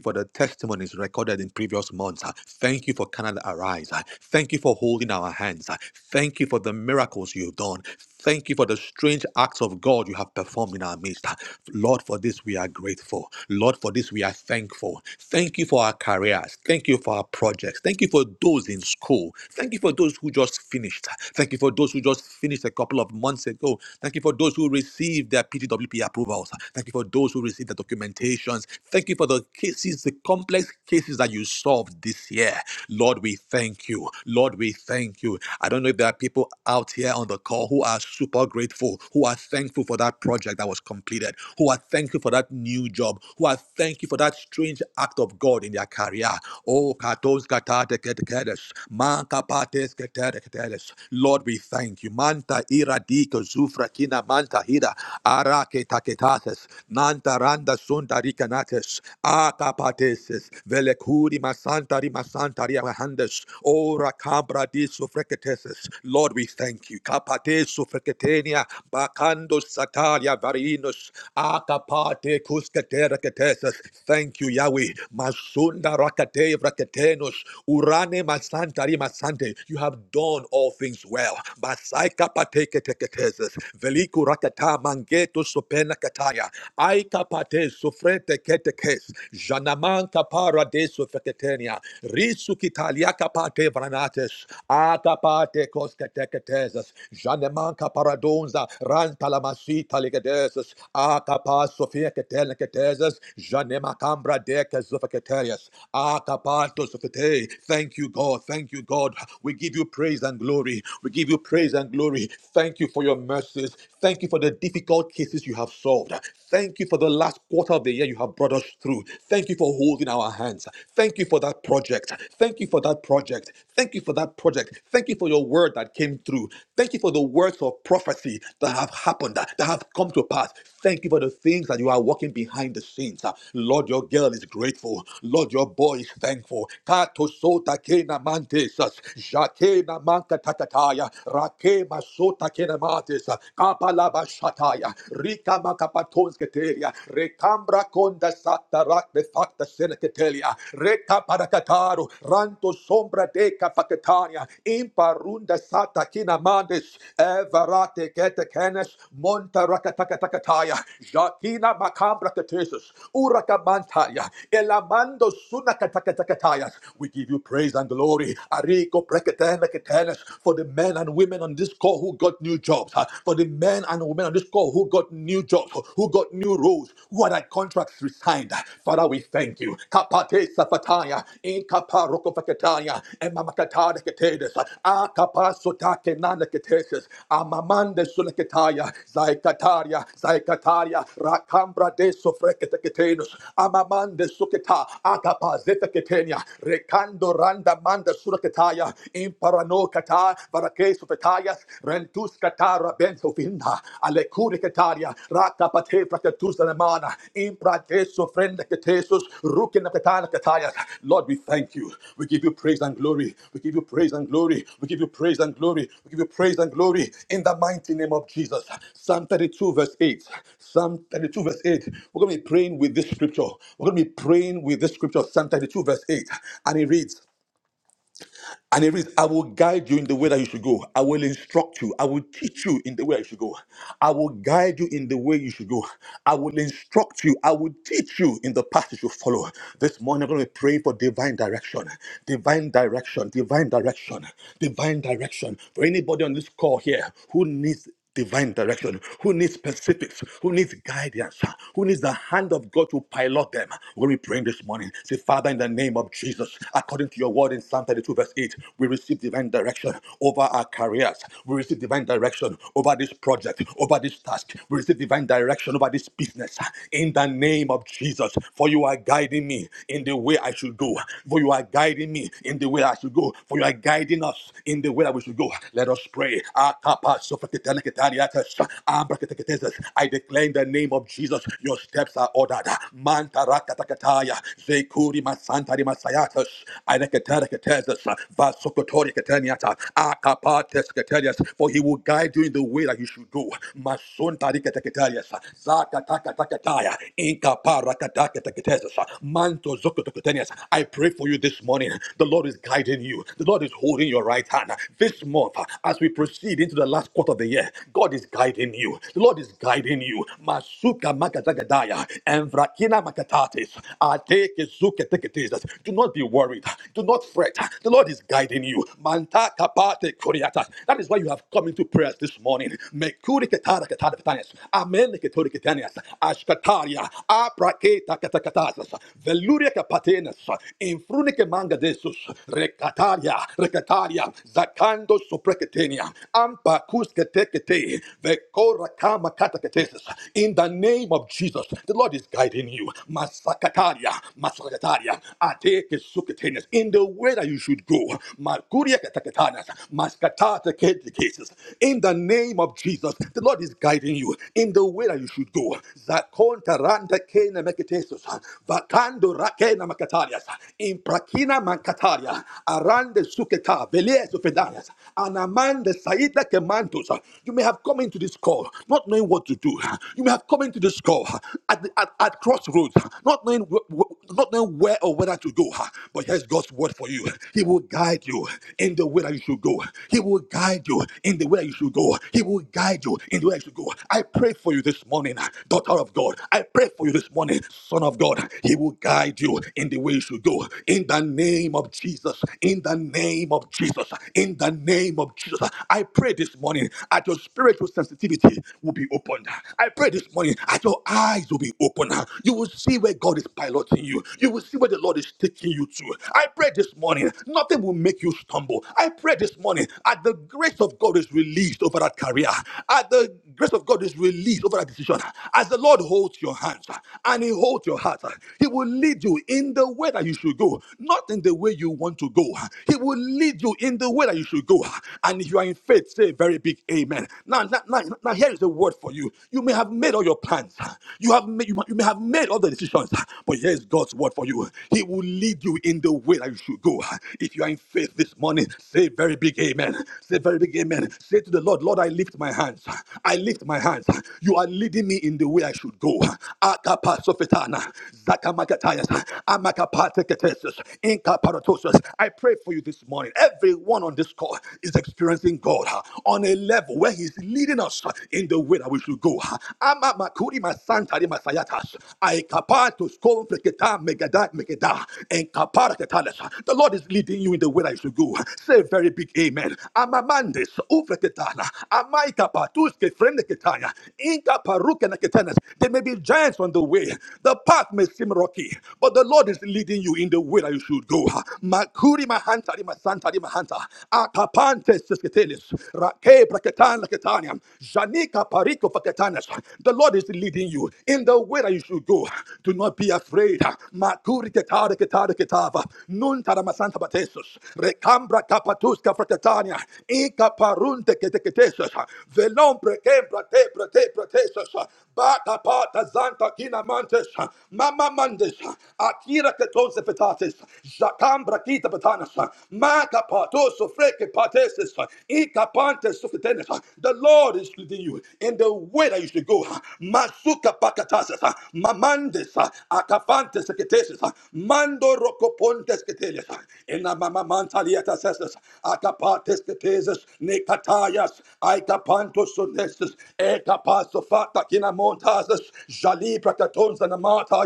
for the testimonies recorded in previous months. ah. Thank you for Canada Arise. ah. Thank you for holding our hands. ah. Thank you for the miracles you've done. Thank you for the strange acts of God you have performed in our midst. ah. Lord, for this we are grateful. Lord, for this we are thankful. Thank you for our careers. Thank you for our projects. Thank you for those in school. Thank you for those who just finished. Thank you for those who just finished a couple of months ago. Thank you for those who received their PTWP approval approvals. Thank you for those who received the documentations. Thank you for the cases, the complex cases that you solved this year. Lord, we thank you. Lord, we thank you. I don't know if there are people out here on the call who are super grateful, who are thankful for that project that was completed, who are thankful for that new job, who are thankful for that strange act of God in their career. Oh, katos katate keteketes, man kapates keteketes. Lord, we thank you. Manta ira di kozufra kina manta hida. Keda arake taketases, manta randa sunda rikanates, akapateses, velekuri masantari masantari amahandes, ora cabra di sufrecateses. Lord, we thank you. Kapate sufrecatenia, bakando satalia varinos, akapate kuskatera keteses. Thank you, Yahweh. Masunda rakate vraketenos, urane masantari masante. You have done all things well. Basaika pateke teketeses veliku rakata mangeto sopena kataya aika pate sofrete ketekes janaman kapara de sofeketenia risu kitalia kapate vranates akapate kosketeketesas janeman kaparadonza rantalamasita ligedesas akapa sofia keteleketesas janema kambra de kesofeketelias akapato sofete thank you god thank you god we give you praise and glory we give you praise and glory Thank you for your mercies. Thank you for the difficult cases you have solved. Thank you for the last quarter of the year you have brought us through. Thank you for holding our hands. Thank you for that project. Thank you for that project. Thank you for that project. Thank you for your word that came through. Thank you for the words of prophecy that have happened, that have come to pass. Thank you for the things that you are working behind the scenes. Lord, your girl is grateful. Lord, your boy is thankful. Kato sota kena mantesus. Jakena manka takataya. Shataya, Rake Masota Kenematis, Kapalaba Shataya, Rika Makapatons Ketelia, Rekambra Konda Sata Rak de Facta Seneketelia, Reka Parakataru, Ranto Sombra de Capacatania, Imparunda Sata Kinamandes, Everate Ketekenes, Monta Rakatakataya, Jakina Makambra Katesis, Uraka Elamando Sunakatakatakataya. We give you praise and glory. Ariko Eketel, for the men and women on this call who got new jobs, huh, for the men and women on this call who got new jobs, who got new roles, who had their contracts resigned. huh? Father, we thank you. Kapate safataya, inkapa rokofakataya, emamakata neketedes, akapa sotake naneketeses, amamande suleketaya, zaikataria, zaikataria, rakambra de sofreketeketenus, amamande suketa, akapa zefeketenia, rekando randa manda Ketaya, Imparano Kata, Varake Sufetayas, Rentus Katara Benzofina, Alecuri Ketaria, Rata Pate Fratatus Alemana, Imprate Sofrenda Ketesus, Rukin Katana Katayas. Lord, we thank you. We give you praise and glory. We give you praise and glory. We give you praise and glory. We give you praise and glory in the mighty name of Jesus. Psalm 32, verse 8. Psalm 32, verse 8. We're going to be praying with this scripture. We're going to be praying with this scripture, Psalm 32, verse 8. And it reads, and it reads, I will guide you in the way that you should go. I will instruct you. I will teach you in the way you should go. I will guide you in the way you should go. I will instruct you. I will teach you in the path you should follow. This morning, I'm going to pray for divine direction, divine direction, divine direction, divine direction. For anybody on this call here who needs divine direction, who needs specifics, who needs guidance, who needs the hand of God to pilot them. When we pray this morning, say, Father, in the name of Jesus, according to your word in Psalm 32, verse 8, we receive divine direction over our careers. We receive divine direction over this project, over this task. We receive divine direction over this business. In the name of Jesus, for you are guiding me in the way I should go. For you are guiding me in the way I should go. For you are guiding us in the way that we should go. Let us pray. I declare in the name of Jesus, your steps are ordered. Manta rakatakataya, zekuri masantari masayatas, ainekatareketesis, vasokotoriketeniata, akapatesketenias, For he will guide you in the way that you should go. Masontariketeketenias, zakatakatakataya, inkaparakatakateketesis, mantozokoteketenias. I pray for you this morning. The Lord is guiding you. The Lord is holding your right hand. This month, as we proceed lead into the last quarter of the year, God is guiding you. The Lord is guiding you. Masuka makazagadaya, envrakina makatatis, ateke zuke teketisas. Do not be worried. Do not fret. The Lord is guiding you. Manta kapate kuriatas. That is why you have come into prayers this morning. Mekuri ketara ketara ketanias. Amen ketori ketanias. Ashkataria, apraketa katakatasas. Veluria kapatenas. Infrunike manga desus. Rekataria, rekataria. Zakando soprekete. Ketenia, Ampakus Ketekete, Vekora Kataketesis. In the name of Jesus, the Lord is guiding you. Masakataria, Masakataria, Ateke Suketenias. In the way that you should go. Markuria Kataketanas, Maskatata Ketekasis. In the name of Jesus, the Lord is guiding you in the way that you should go. Zakonta Randa Kena Meketesis, Vakando Rakena Makatarias, Imprakina Mankataria, Arande Suketa, Velies and Amanda Saida Kemantos, uh, you may have come into this call not knowing what to do. You may have come into this call uh, at, the, at, at crossroads, uh, not knowing, wh- wh- not knowing where or whether to go. uh, But here's God's word for you. He will guide you in the way that you should go. He will guide you in the way that you should go. He will guide you in the way that you should go. I pray for you this morning, uh, daughter of God. I pray for you this morning, son of God. He will guide you in the way you should go. In the name of Jesus. In the name of Jesus in the name of Jesus. I pray this morning that your spiritual sensitivity will be opened. I pray this morning that your eyes will be opened. You will see where God is piloting you. You will see where the Lord is taking you to. I pray this morning nothing will make you stumble. I pray this morning that the grace of God is released over that career. At the grace of God is released over that decision. As the Lord holds your hands and He holds your heart, He will lead you in the way that you should go, not in the way you want to go. He will lead lead you in the way that you should go. And if you are in faith, say a very big amen. Now, now, now, now here is the word for you. You may have made all your plans. You have made, you, may have made all the decisions, but here is God's word for you. He will lead you in the way that you should go. If you are in faith this morning, say a very big amen. Say a very big amen. Say to the Lord, Lord, I lift my hands. I lift my hands. You are leading me in the way I should go. Akapa sofetana, zakamakatayas, amakapateketesis, inkaparatosis. I pray for you you this morning. Everyone on this call is experiencing God uh, on a level where He's leading us uh, in the way that we should go. uh. Ama makuri masantari masayatas. Aikapa to megada megeda. Enkapara ketales. The Lord is leading you in the way that you should go. Say a very big amen. Amamandis ufreketana. Amaikapa freneketaya. Inkaparukeneketanes. There may be giants on the way. The path may seem rocky, but the Lord is leading you in the way that you should go. Kuri mahanta di masanta di mahanta. Akapante siskitelis. Rake praketan laketaniam. Janika pariko faketanes. The Lord is leading you in the way that you should go. Do not be afraid. Makuri ketare ketare ketava. Nun taramasanta batesus. Rekambra kapatuska fraketania. Inka parunte keteketesus. Velom preke prate prate pratesus. Baka pata zanta kina mantes. Mama mandes. Akira ketonse fetates. Kambra kita patanas. Maka pato sofreke patesis. Ika sufetenes. The Lord is leading you in the way that you should go. Masuka pakatasis. Mamandes. Akafantes ketesis. Mando rokopontes ketelis. Ina mama sesis. Akapates ketesis. Nekatayas. Aika panto sunesis. Eka paso fata kina montasis.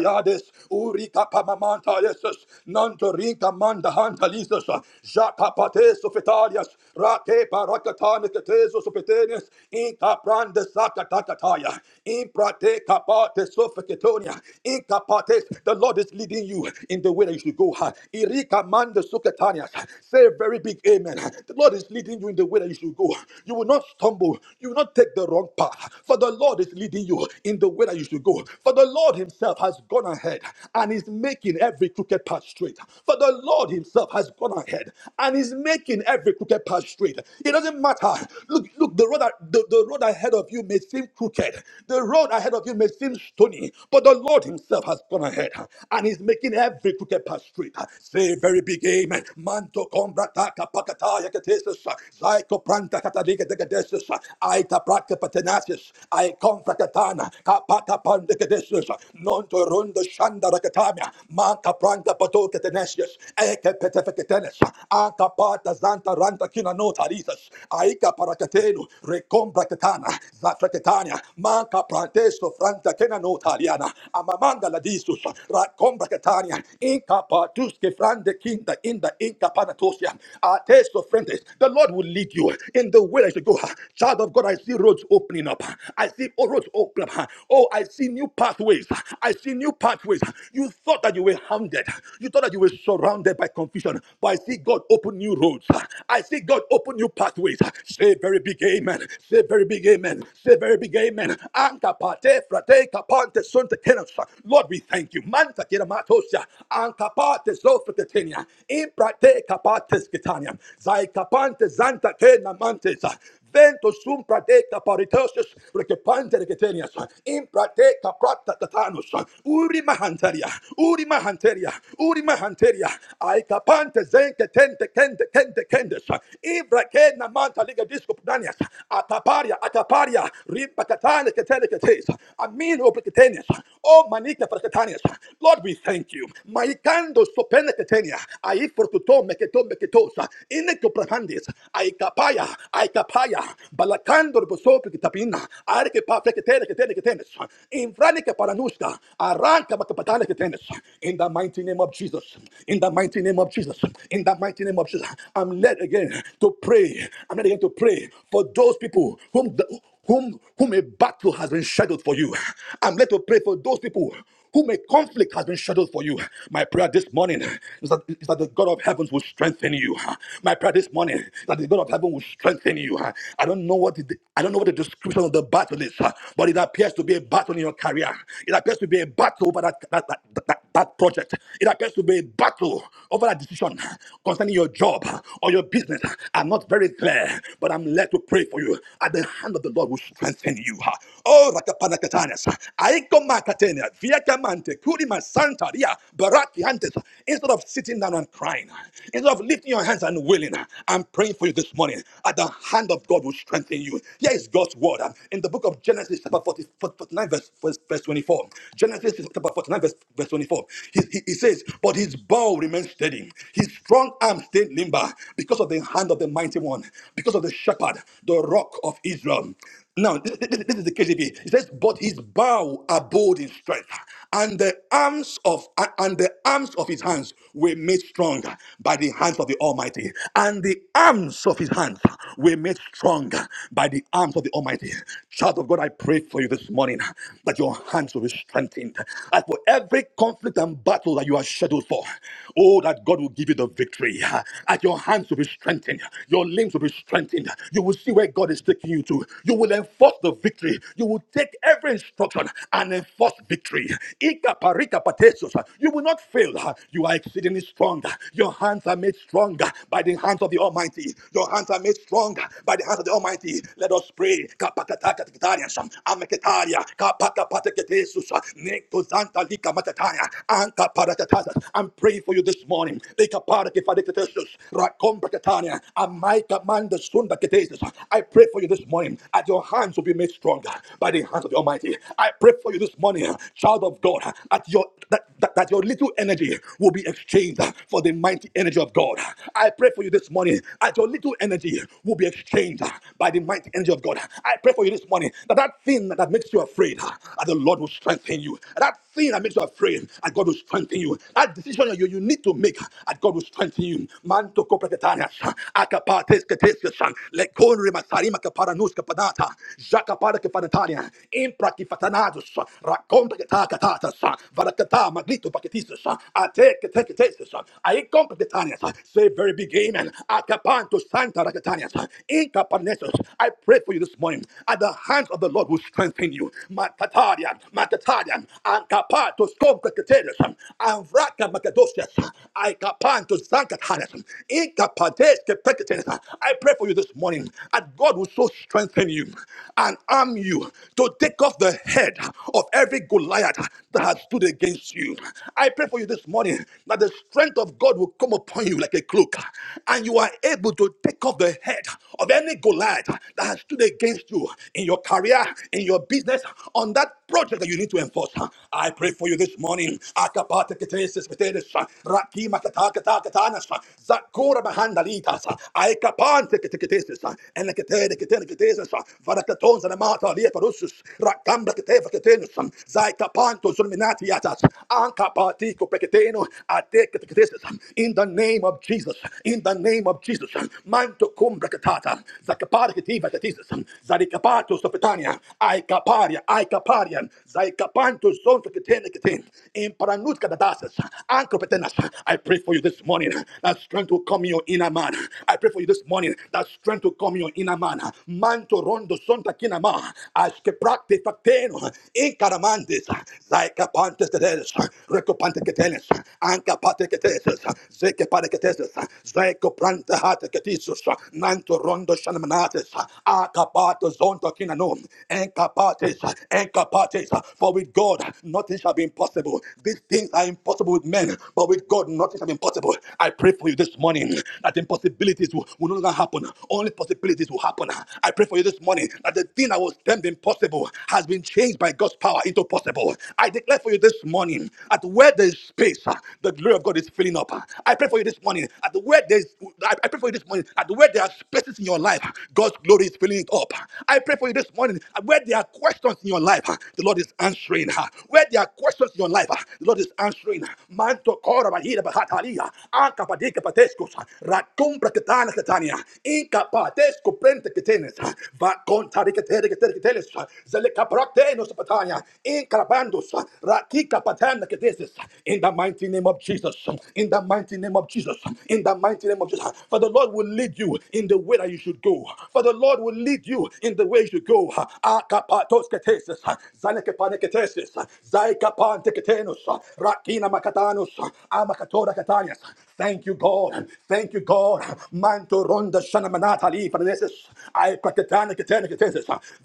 yades. Uri kapa yesus. Santo Rinka Manda Hantalisas, Jacapates of Sofetarias, Rate Paracatane Cateso Sopetenes, Inca Prande Sakatakataya, Imprate Capates of Sofaketonia, Inca Pates, the Lord is leading you in the way that you should go. Irika Manda Sukatanias, say a very big amen. The Lord is leading you in the way that you should go. You will not stumble, you will not take the wrong path, for the Lord is leading you in the way that you should go. For the Lord Himself has gone ahead and is making every crooked crooked path straight. For the Lord Himself has gone ahead and is making every crooked path straight. It doesn't matter. Look, look, the road, the, the road ahead of you may seem crooked, the road ahead of you may seem stony, but the Lord Himself has gone ahead and is making every crooked path straight. Say a very big amen. Manto kombrata kapakata yakatesis, zaiko pranta katadika dekadesis, aita praka patenasis, ai konfrakatana kapata pandekadesis, non to runda shanda rakatami, Manka pranga patoke tenesius. Eke petefeketenes. Anka pata zanta ranta kina no tarisas. Aika parakatenu. Recombra ketana. Zafraketania. Manka prantesto franta kena no tariana. Amamanda la disus. Racombra ketania. Inka patuske frande kinda inda inka panatosia. Atesto frentes. The Lord will lead you in the way I should go. Child of God, I see roads opening up. I see roads open up. Oh, I see new pathways. I see new pathways. You. You thought that you were hounded. You thought that you were surrounded by confusion. But I see God open new roads. I see God open new pathways. Say very big amen. Say very big amen. Say very big amen. Anka pate frate kapante sunte kenos. Lord, we thank you. Manta kiramatosia. Anka pate zofretetenia. Imprate kapates kitania. Zai kapante zanta kena mantes. Vento sum prateka paritosis, rekepante reketenias, in prateka prata tatanus, uri mahanteria, uri mahanteria, uri mahanteria, aikapante zenke tente kente kente kendes, ibra kena manta liga disco pudanias, ataparia, ataparia, rimpakatane ketene ketes, amino preketenias, o manika preketanias. Lord, we thank you. Maikando sopene ketenia, ai fortuto meketo meketosa, ine koprahandis, aikapaya, aikapaya kapaya, balakando bosopi kitapina, are que pa freketene que tene que tenes, paranuska, arranca makapatana que In the mighty name of Jesus, in the mighty name of Jesus, in the mighty name of Jesus, I'm led again to pray. I'm led again to pray for those people whom the, whom whom a battle has been scheduled for you. I'm led to pray for those people whom a conflict has been scheduled for you. My prayer this morning is that, is that the God of heavens will strengthen you. My prayer this morning is that the God of heaven will strengthen you. I don't know what the, I don't know what the description of the battle is, but it appears to be a battle in your career. It appears to be a battle over that, that, that, that, that project. It appears to be a battle over that decision concerning your job or your business. I'm not very clear, but I'm led to pray for you. At the hand of the Lord will strengthen you. Oh, Rakapanakatanes. I Aiko makatenia, viakamante, kurima santaria, baraki antes. Instead of sitting down and crying, instead of lifting your hands and wailing, I'm praying for you this morning. At the hand of God will strengthen you. Here is God's word uh, in the book of Genesis, chapter 40, 49, verse, verse, verse 24. Genesis chapter 49, verse, verse 24. He, he, he says, But his bow remained steady, his strong arm stayed limber because of the hand of the mighty one, because of the shepherd, the rock of Israel. Now, th- th- th- this is the KJV. It says, "But his bow abode in strength, and the arms of a- and the arms of his hands were made stronger by the hands of the Almighty, and the arms of his hands were made stronger by the arms of the Almighty." Child of God, I pray for you this morning that your hands will be strengthened, and for every conflict and battle that you are scheduled for, oh, that God will give you the victory. That your hands will be strengthened, your limbs will be strengthened. You will see where God. God is taking you to. You will enforce the victory. You will take every instruction and enforce victory. Ikaparikapatesos. You will not fail. You are exceedingly strong. Your hands are made stronger by the hands of the Almighty. Your hands are made stronger by the hands of the Almighty. Let us pray. Kapakatakatarians, ameketaria, kapakapateketesus, nektozantalikamakataya, ankaparatatasa. I'm praying for you this morning. Likaparakifadiketesus, rakombrakatania, amaikamandosus, soon that it is. I pray for you this morning that your hands will be made stronger by the hands of the Almighty. I pray for you this morning, child of God, that your that, that, that your little energy will be exchanged for the mighty energy of God. I pray for you this morning that your little energy will be exchanged by the mighty energy of God. I pray for you this morning that that thing that makes you afraid, that the Lord will strengthen you. That thing that makes you afraid, that God will strengthen you. That decision you, you need to make, that God will strengthen you. Man to akapates ketesioshan lekon rimasarima kaparanus kapadata jakapara kapanataria impra kifatanados rakonta katakatatas varakata magnito paketisus ate keteketesus ai kompetitanias say very big amen akapanto santa rakatanias inkapanesus I pray for you this morning at the hands of the Lord will strengthen you matatarian matatarian ankapatos kompetitarius and vraka makadosias ai kapanto zankat I pray for you this morning that God will so strengthen you and arm you to take off the head of every Goliath that has stood against you. I pray for you this morning that the strength of God will come upon you like a cloak and you are able to take off the head of any Goliath that has stood against you in your career, in your business, on that project that you need to enforce. I pray for you this morning. Akapate ketesis metedes, rakima Katakatakatakatanasa, Zakura Mahandalitasa, Aikapan Tikitisa, and the Katekitanakitisa, Varakatons and Amata Lieparusus, Rakambra Kateva Katenusum, Zaikapanto Zulminatiatas, Ankapatiko Peketeno, Atekatisa, in the name of Jesus, in the name of Jesus, Manto Cumbra Katata, Zakaparakitiva Katisis, Zarikapato Sopetania, Aikaparia, Aikaparian, Zaikapanto Zonto Katenakatin, in Paranutka Dadasas, Uncompetentness. I pray for you this morning that strength will come in your inner man. I pray for you this morning that strength will come in your inner man. Manto rondo sonta kinama. Aske prakte facteno. Incaramantes. Zaica pantes keteles. Recopante ketenes Anca pate keteses. Zeke pate keteses. Zeko prante hate ketisus. Nanto rondo shanamanates. Acapato zonta kinanum. Encapates. Encapates. For with God nothing shall be impossible. These things are impossible with men, but with God, nothing is impossible. I pray for you this morning that impossibilities will, will no longer happen. Only possibilities will happen. I pray for you this morning that the thing that was termed impossible has been changed by God's power into possible. I declare for you this morning that where there is space, uh, the glory of God is filling up. I pray for you this morning that where there is, I I pray for you this morning that where there are spaces in your life, God's glory is filling it up. I pray for you this morning that where there are questions in your life, uh, the Lord is answering. uh, Where. Wherever there are questions in your life, ah, the Lord is answering. Manto kora bahira bahatalia, anka padika pateskos, ratum praketana ketania, inka patesko prente ketenes, ah, va kontari ketere ketere keteles, zeleka praktenos patania, inka bandos, rakika patana keteses. ah. In the mighty name of Jesus, ah, in the mighty name of Jesus, ah, in the mighty name of Jesus, ah. for the Lord will lead you in the way that you should go. ah. For the Lord will lead you in the way you should go. Akapatos keteses, Meneke paneketesis, Zaika panteketenus, Rakina makatanus, Amakatora katanias. Thank you, God. Thank you, God. Manto ronda shanamanata li panesis, Ai praketana ketene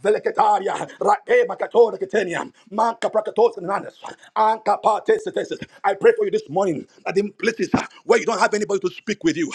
Veleketaria, Rake makatora keteniam, Manka prakatos nanas, Anka patesis. I pray for you this morning that in places where you don't have anybody to speak with you,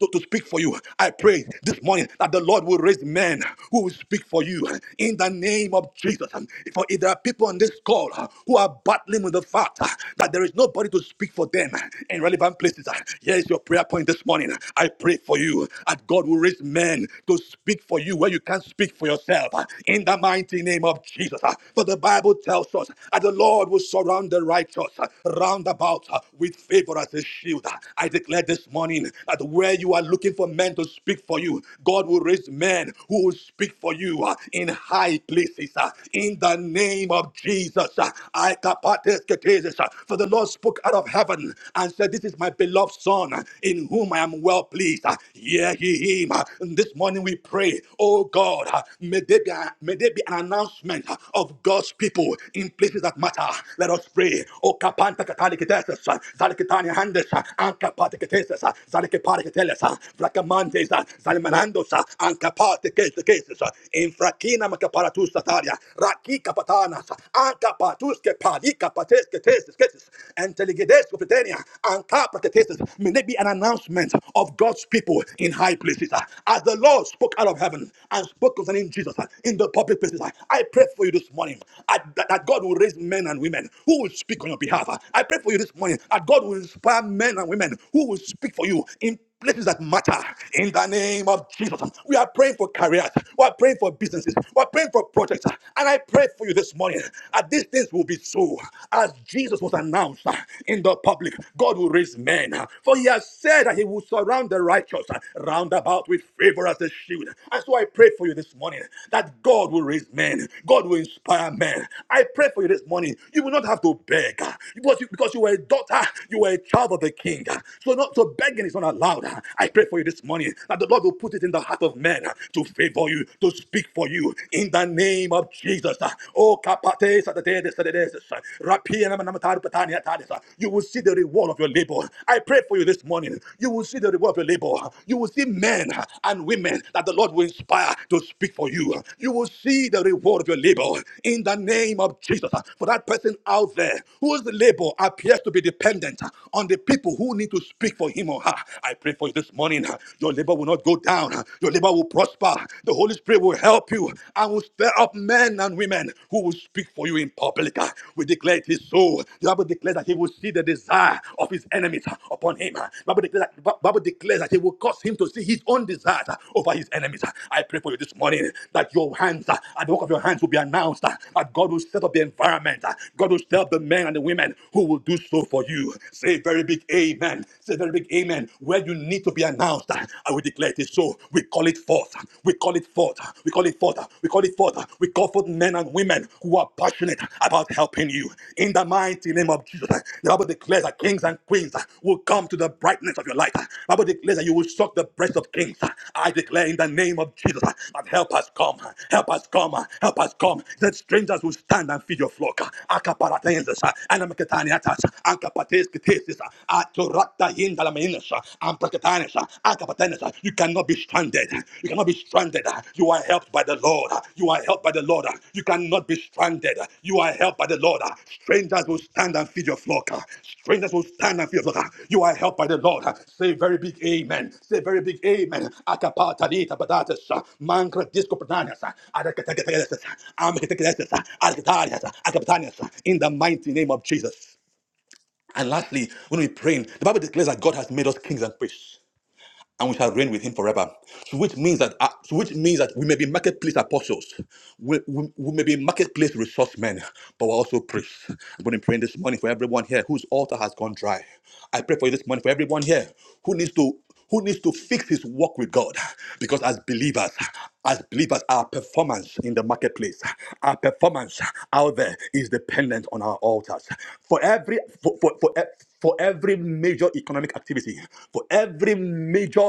to, to speak for you, I pray this morning that the Lord will raise men who will speak for you in the name of of Jesus. um, For if there are people on this call uh, who are battling with the fact uh, that there is nobody to speak for them uh, in relevant places, uh, here is your prayer point this morning. I pray for you that God will raise men to speak for you where you can't speak for yourself uh, in the mighty name of Jesus. uh, For the Bible tells us that the Lord will surround the righteous uh, round about uh, with favor as a shield. Uh, I declare this morning that where you are looking for men to speak for you, God will raise men who will speak for you uh, in high places uh, in the name of Jesus. uh, I kapateketesis, uh, For the Lord spoke out of heaven and said, This is my beloved Son uh, in whom I am well pleased. uh, Hear ye him. uh, and This morning we pray, oh God, uh, may there be, a- may there be an announcement uh, of God's people in places that matter. Let us pray. Oh kapanta kataliketesis, uh, zalikitani handes, uh, ankapateketesis, uh, zalikipatiketelis, uh, Vlakamandes, uh, Zalimanandos, uh, cases. cases, Infrakina makaparatus tataria. Rakika patanas. Anka patuske palika pateske tesis cases. And teligidesco pretenia. Anka praketesis. May there be an announcement of God's people in high places. As the Lord spoke out of heaven and spoke concerning Jesus in the public places, I pray for you this morning uh, that that God will raise men and women who will speak on your behalf. I pray for you this morning that God will inspire men and women who will speak for you in places that matter in the name of Jesus. We are praying for careers. We are praying for businesses. We are praying for projects. And I pray for you this morning that these things will be so. As Jesus was announced uh, in the public, God will raise men. uh, For he has said that he will surround the righteous uh, round about with favor as a shield. And so I pray for you this morning that God will raise men. God will inspire men. I pray for you this morning. You will not have to beg uh, because you, because you were a daughter, you were a child of the king. uh, So not to beg begging is not allowed. I pray for you this morning that the Lord will put it in the heart of men to favor you, to speak for you in the name of Jesus. Oh, kapate satade satade sasa. Rapia nama nama tadu patani atade sa. you will see the reward of your labor. I pray for you this morning. You will see the reward of your labor. You will see men and women that the Lord will inspire to speak for you. You will see the reward of your labor in the name of Jesus. For that person out there whose labor appears to be dependent on the people who need who need to speak for him or her. I pray for you this morning. Your labor will not go down. Your labor will prosper. The Holy Spirit will help you and will stir up men and women who will speak for you in public. We declare it is so. The Bible declares that he will see the desire of his enemies upon him. The Bible declares that, Bi- Bible declares that he will cause him to see his own desires over his enemies. I pray for you this morning that your hands, uh, at the work of your hands, will be announced. uh, That God will set up the environment. uh, God will set up the men and the women who will do so for you. Say very big amen. Say a very big amen. Where you need to be announced, I will declare it is so. We call it forth. We call it forth. We call it forth. We call it forth. We call forth men and women who are passionate about helping you. In the mighty name of Jesus, the Bible declares that kings and queens will come to the brightness of your light. The Bible declares that you will suck the breast of kings. I declare in the name of Jesus that help us come. Help us come. Help us come. That strangers will stand and feed your flock. Akaparatayenses, anamaketaniatas, Akapates ketesis, atorata yindalamenis, amprakatanis, akapatenis. You cannot be stranded. You cannot be stranded. You are helped by the Lord. You are helped by the Lord. You cannot be stranded. You are helped by the Lord. Strangers will stand and feed your flock. Strangers will stand and feed your flock. You are helped by the Lord. Say very big amen. Say very big amen. Akapata dita patatas, mankra disco patanas, adakatakatakas, amakatakatakas, adakatarias, akapatanas. In the mighty name of Jesus. And lastly, when we pray, the Bible declares that God has made us kings and priests and we shall reign with him forever. So which means that uh, so which means that we may be marketplace apostles, we, we, we may be marketplace resource men, but we're also priests. I'm going to pray this morning for everyone here whose altar has gone dry. I pray for you this morning for everyone here who needs to who needs to fix his walk with God. Because as believers, as believers, our performance in the marketplace, our performance out there is dependent on our altars. For every for, for, for, e, for every major economic activity, for every major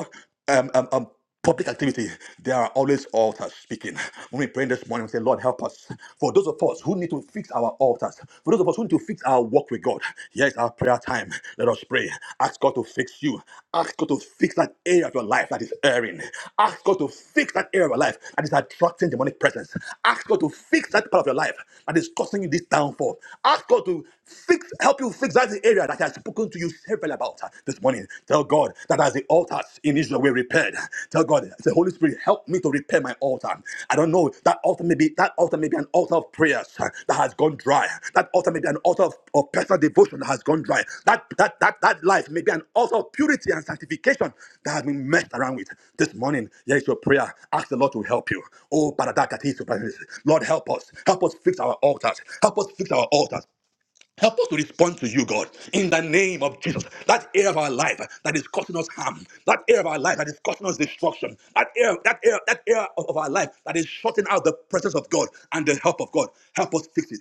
um, um, um, public activity, there are always altars speaking. When we pray this morning, we say, Lord, help us. For those of us who need to fix our altars, for those of us who need to fix our walk with God, here is our prayer time. Let us pray. Ask God to fix you. Ask God to fix that area of your life that is erring. Ask God to fix that area of your life that is attracting demonic presence. Ask God to fix that part of your life that is causing you this downfall. Ask God to fix help you fix that area that I've spoken to you several about uh, this morning. Tell God that as the altars in Israel were repaired, tell God, the Holy Spirit, help me to repair my altar. I don't know that altar may be that altar may be an altar of prayers uh, that has gone dry. That altar may be an altar of, of personal devotion that has gone dry. That that that that life may be an altar of purity and sanctification that has been messed around with. This morning, here is your prayer. Ask the Lord to help you. Oh, Baradakati Lord, help us. Help us fix our altars. Help us fix our altars. Help us to respond to you, God, in the name of Jesus. That area of our life that is causing us harm, that area of our life that is causing us destruction, that area, that area, that area of of our life that is shutting out the presence of God and the help of God. Help us fix it.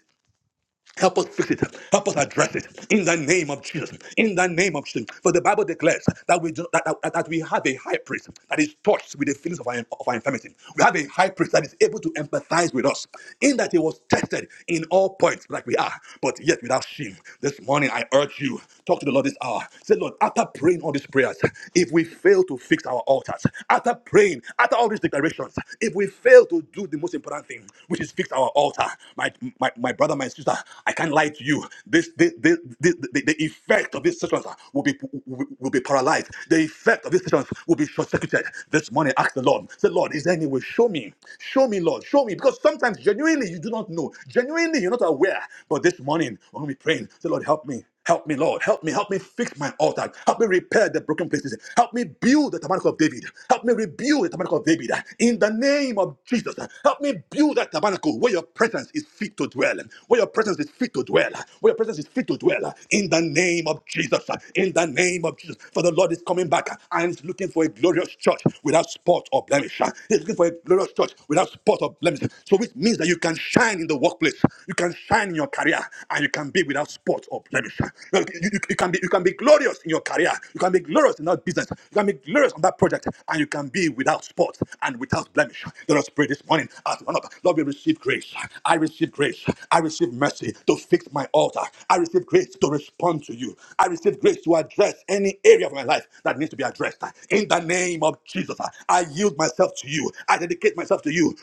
Help us fix it. Help us address it in the name of Jesus. In the name of Jesus. For the Bible declares that we do, that, that, that we have a high priest that is touched with the feelings of our, of our infirmity. We have a high priest that is able to empathize with us in that he was tested in all points like we are, but yet without sin. This morning I urge you, talk to the Lord this hour. Say, Lord, after praying all these prayers, if we fail to fix our altars, after praying, after all these declarations, if we fail to do the most important thing, which is fix our altar, my, my, my, my brother, my sister, I can't lie to you. This, this, this, this the, the effect of these sessions will be will, will be paralyzed. The effect of these sessions will be short-circuited. This morning, ask the Lord. Say, Lord, is there any way? Show me. Show me, Lord. Show me. Because sometimes genuinely you do not know. Genuinely, you're not aware. But this morning, when we praying, say, Lord, help me. Help me, Lord. Help me. Help me fix my altar. Help me repair the broken places. Help me build the tabernacle of David. Help me rebuild the tabernacle of David. In the name of Jesus, help me build that tabernacle where your presence is fit to dwell. Where your presence is fit to dwell. Where your presence is fit to dwell. In the name of Jesus. In the name of Jesus. For the Lord is coming back and is looking for a glorious church without spot or blemish. He's looking for a glorious church without spot or blemish. So which means that you can shine in the workplace. You can shine in your career and you can be without spot or blemish. You, you- you can be, you can be glorious in your career. You can be glorious in that business. You can be glorious on that project and you can be without spot and without blemish. Let us pray this morning as one of Lord, we receive grace. I receive grace. I receive mercy to fix my altar. I receive grace to respond to you. I receive grace to address any area of my life that needs to be addressed. In the name of Jesus, I yield myself to you. I dedicate myself to you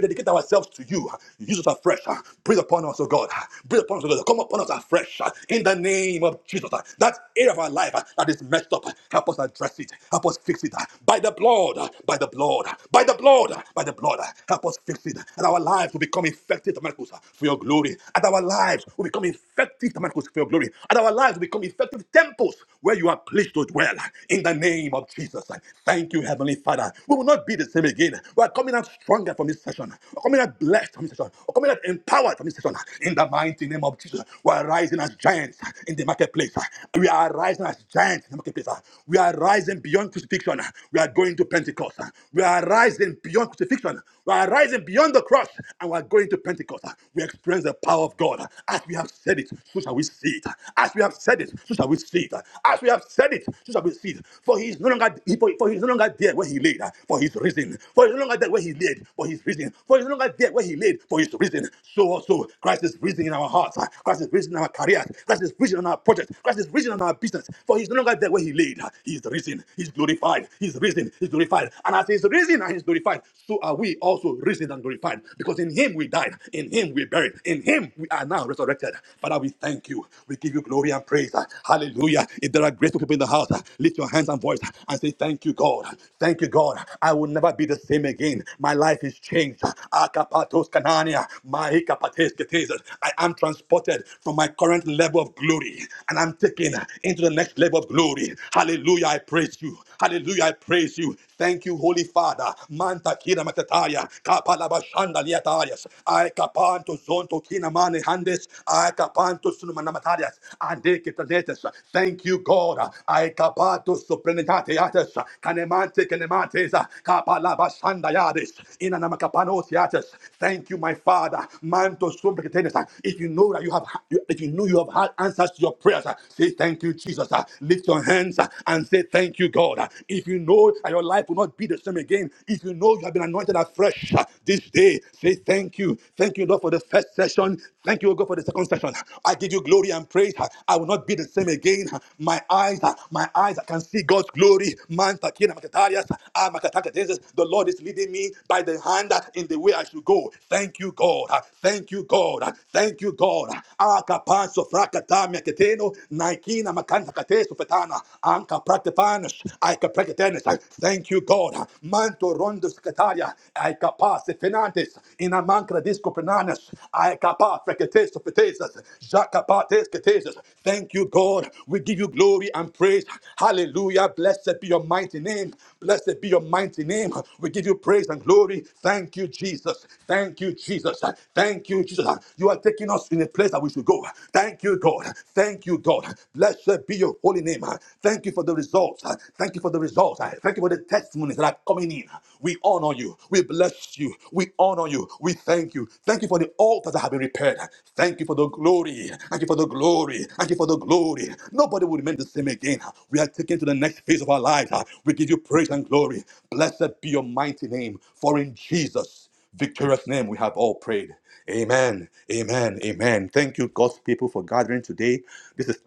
we dedicate ourselves to you. Use us afresh. Breathe upon us, oh God. Breathe upon us, oh God. Come upon us afresh in the name of Jesus. That area of our life that is messed up, help us address it. Help us fix it by the blood, by the blood, by the blood, by the blood. Help us fix it. And our lives will become effective miracles for your glory. And our lives will become effective miracles for your glory. And our lives will become effective temples where you are pleased to dwell in the name of Jesus. Thank you, Heavenly Father, we will not be the same again. We are coming out stronger from this session. We're coming out blessed from this session. We're coming out empowered from this session. In the mighty name of Jesus, we are rising as giants in the marketplace. We are rising as giants in the marketplace. We are rising beyond crucifixion. We are going to Pentecost. We are rising beyond crucifixion. We are rising beyond the cross and we are going to Pentecost. We experience the power of God. As we have said it, so shall we see it. As we have said it, so shall we see it. As we have said it, so shall we his feet. For he is no longer for, for he is no longer there where he laid, for he is risen. For he is no longer there where he laid, for he is risen. For he is no longer there where he laid, for he is risen. So also Christ is risen in our hearts. Christ is risen in our careers. Christ is risen in our projects. Christ is risen in our business. For he is no longer there where he laid. He is risen. He is glorified. He is risen. He is glorified. And as he is risen and he is glorified, so are we also risen and glorified. Because in him we died. In him we buried. In him we are now resurrected. Father, we thank you. We give you glory glory and praise. Hallelujah. If there are grateful people in the house, lift your hands and voice and say, Thank you, God. Thank you, God. I will never be the same again. My life is changed. Akapatos kanania, maikapates ketes. I am transported from my current level of glory and I'm taken into the next level of glory. Hallelujah. I praise you. Hallelujah. I praise you. Thank you, Holy Father. Manta kina matataya, kapalabashanda liatayas, ay kapanto zonto kina mane handes aikapantos numanamatarias andekitanetes. Thank you, God. Aikapatos suprenatatiates kanemante kanemates kapalabashandayades inanamakapanosiates. Thank you, my Father. Mantos sumprekitenes. If you know that you have, if you know you have had answers to your prayers, say thank you, Jesus. Lift your hands and say thank you, God. If you know that your life will not be the same again, if you know you have been anointed afresh this day today. Say thank you. Thank you, Lord, for the first session. Thank you, O God, for the second session. I give you glory and praise. I will not be the same again. My eyes, my eyes, I can see God's glory. Man, Takina, Makatarias, ah, Makatakatenzes. the Lord is leading me by the hand in the way I should go. Thank you, God. Thank you, God. Thank you, God. Akapanso frakata keteno, naikina makanta kateso petana, anka praktepanos, aika praktetenes. Thank you, God manto rondo scataria, ai capace fenantes, in amancra disco penanas, ai capa frecates of fetesas, jacapates catesas. Thank you, God. We give you glory and praise. Hallelujah. Blessed be your mighty name. Blessed be your mighty name. We give you praise and glory. Thank you, Jesus. Thank you, Jesus. Thank you, Jesus. You are taking us in a place that we should go. Thank you, God. Thank you, God. Blessed be your holy name. Thank you for the result results. Uh, Thank you for the results. Uh, Thank you for the testimonies that are coming in. We honor you. We bless you. We honor you. We thank you. Thank you for the altars that have been repaired. Thank you for the glory. Thank you for the glory. Thank you for the glory. Nobody will remain the same again. We are taken to the next phase of our lives. Uh, We give you praise and glory. Blessed be your mighty name. For in Jesus' victorious name we have all prayed. Amen. Amen. Amen. Thank you, God's people, for gathering today. This is.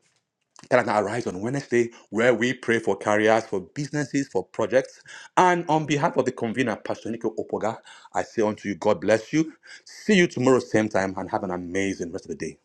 That can arise on Wednesday, where we pray for careers, for businesses, for projects. And on behalf of the convener, Pastor Nico Opoga, I say unto you, God bless you. See you tomorrow, same time, and have an amazing rest of the day.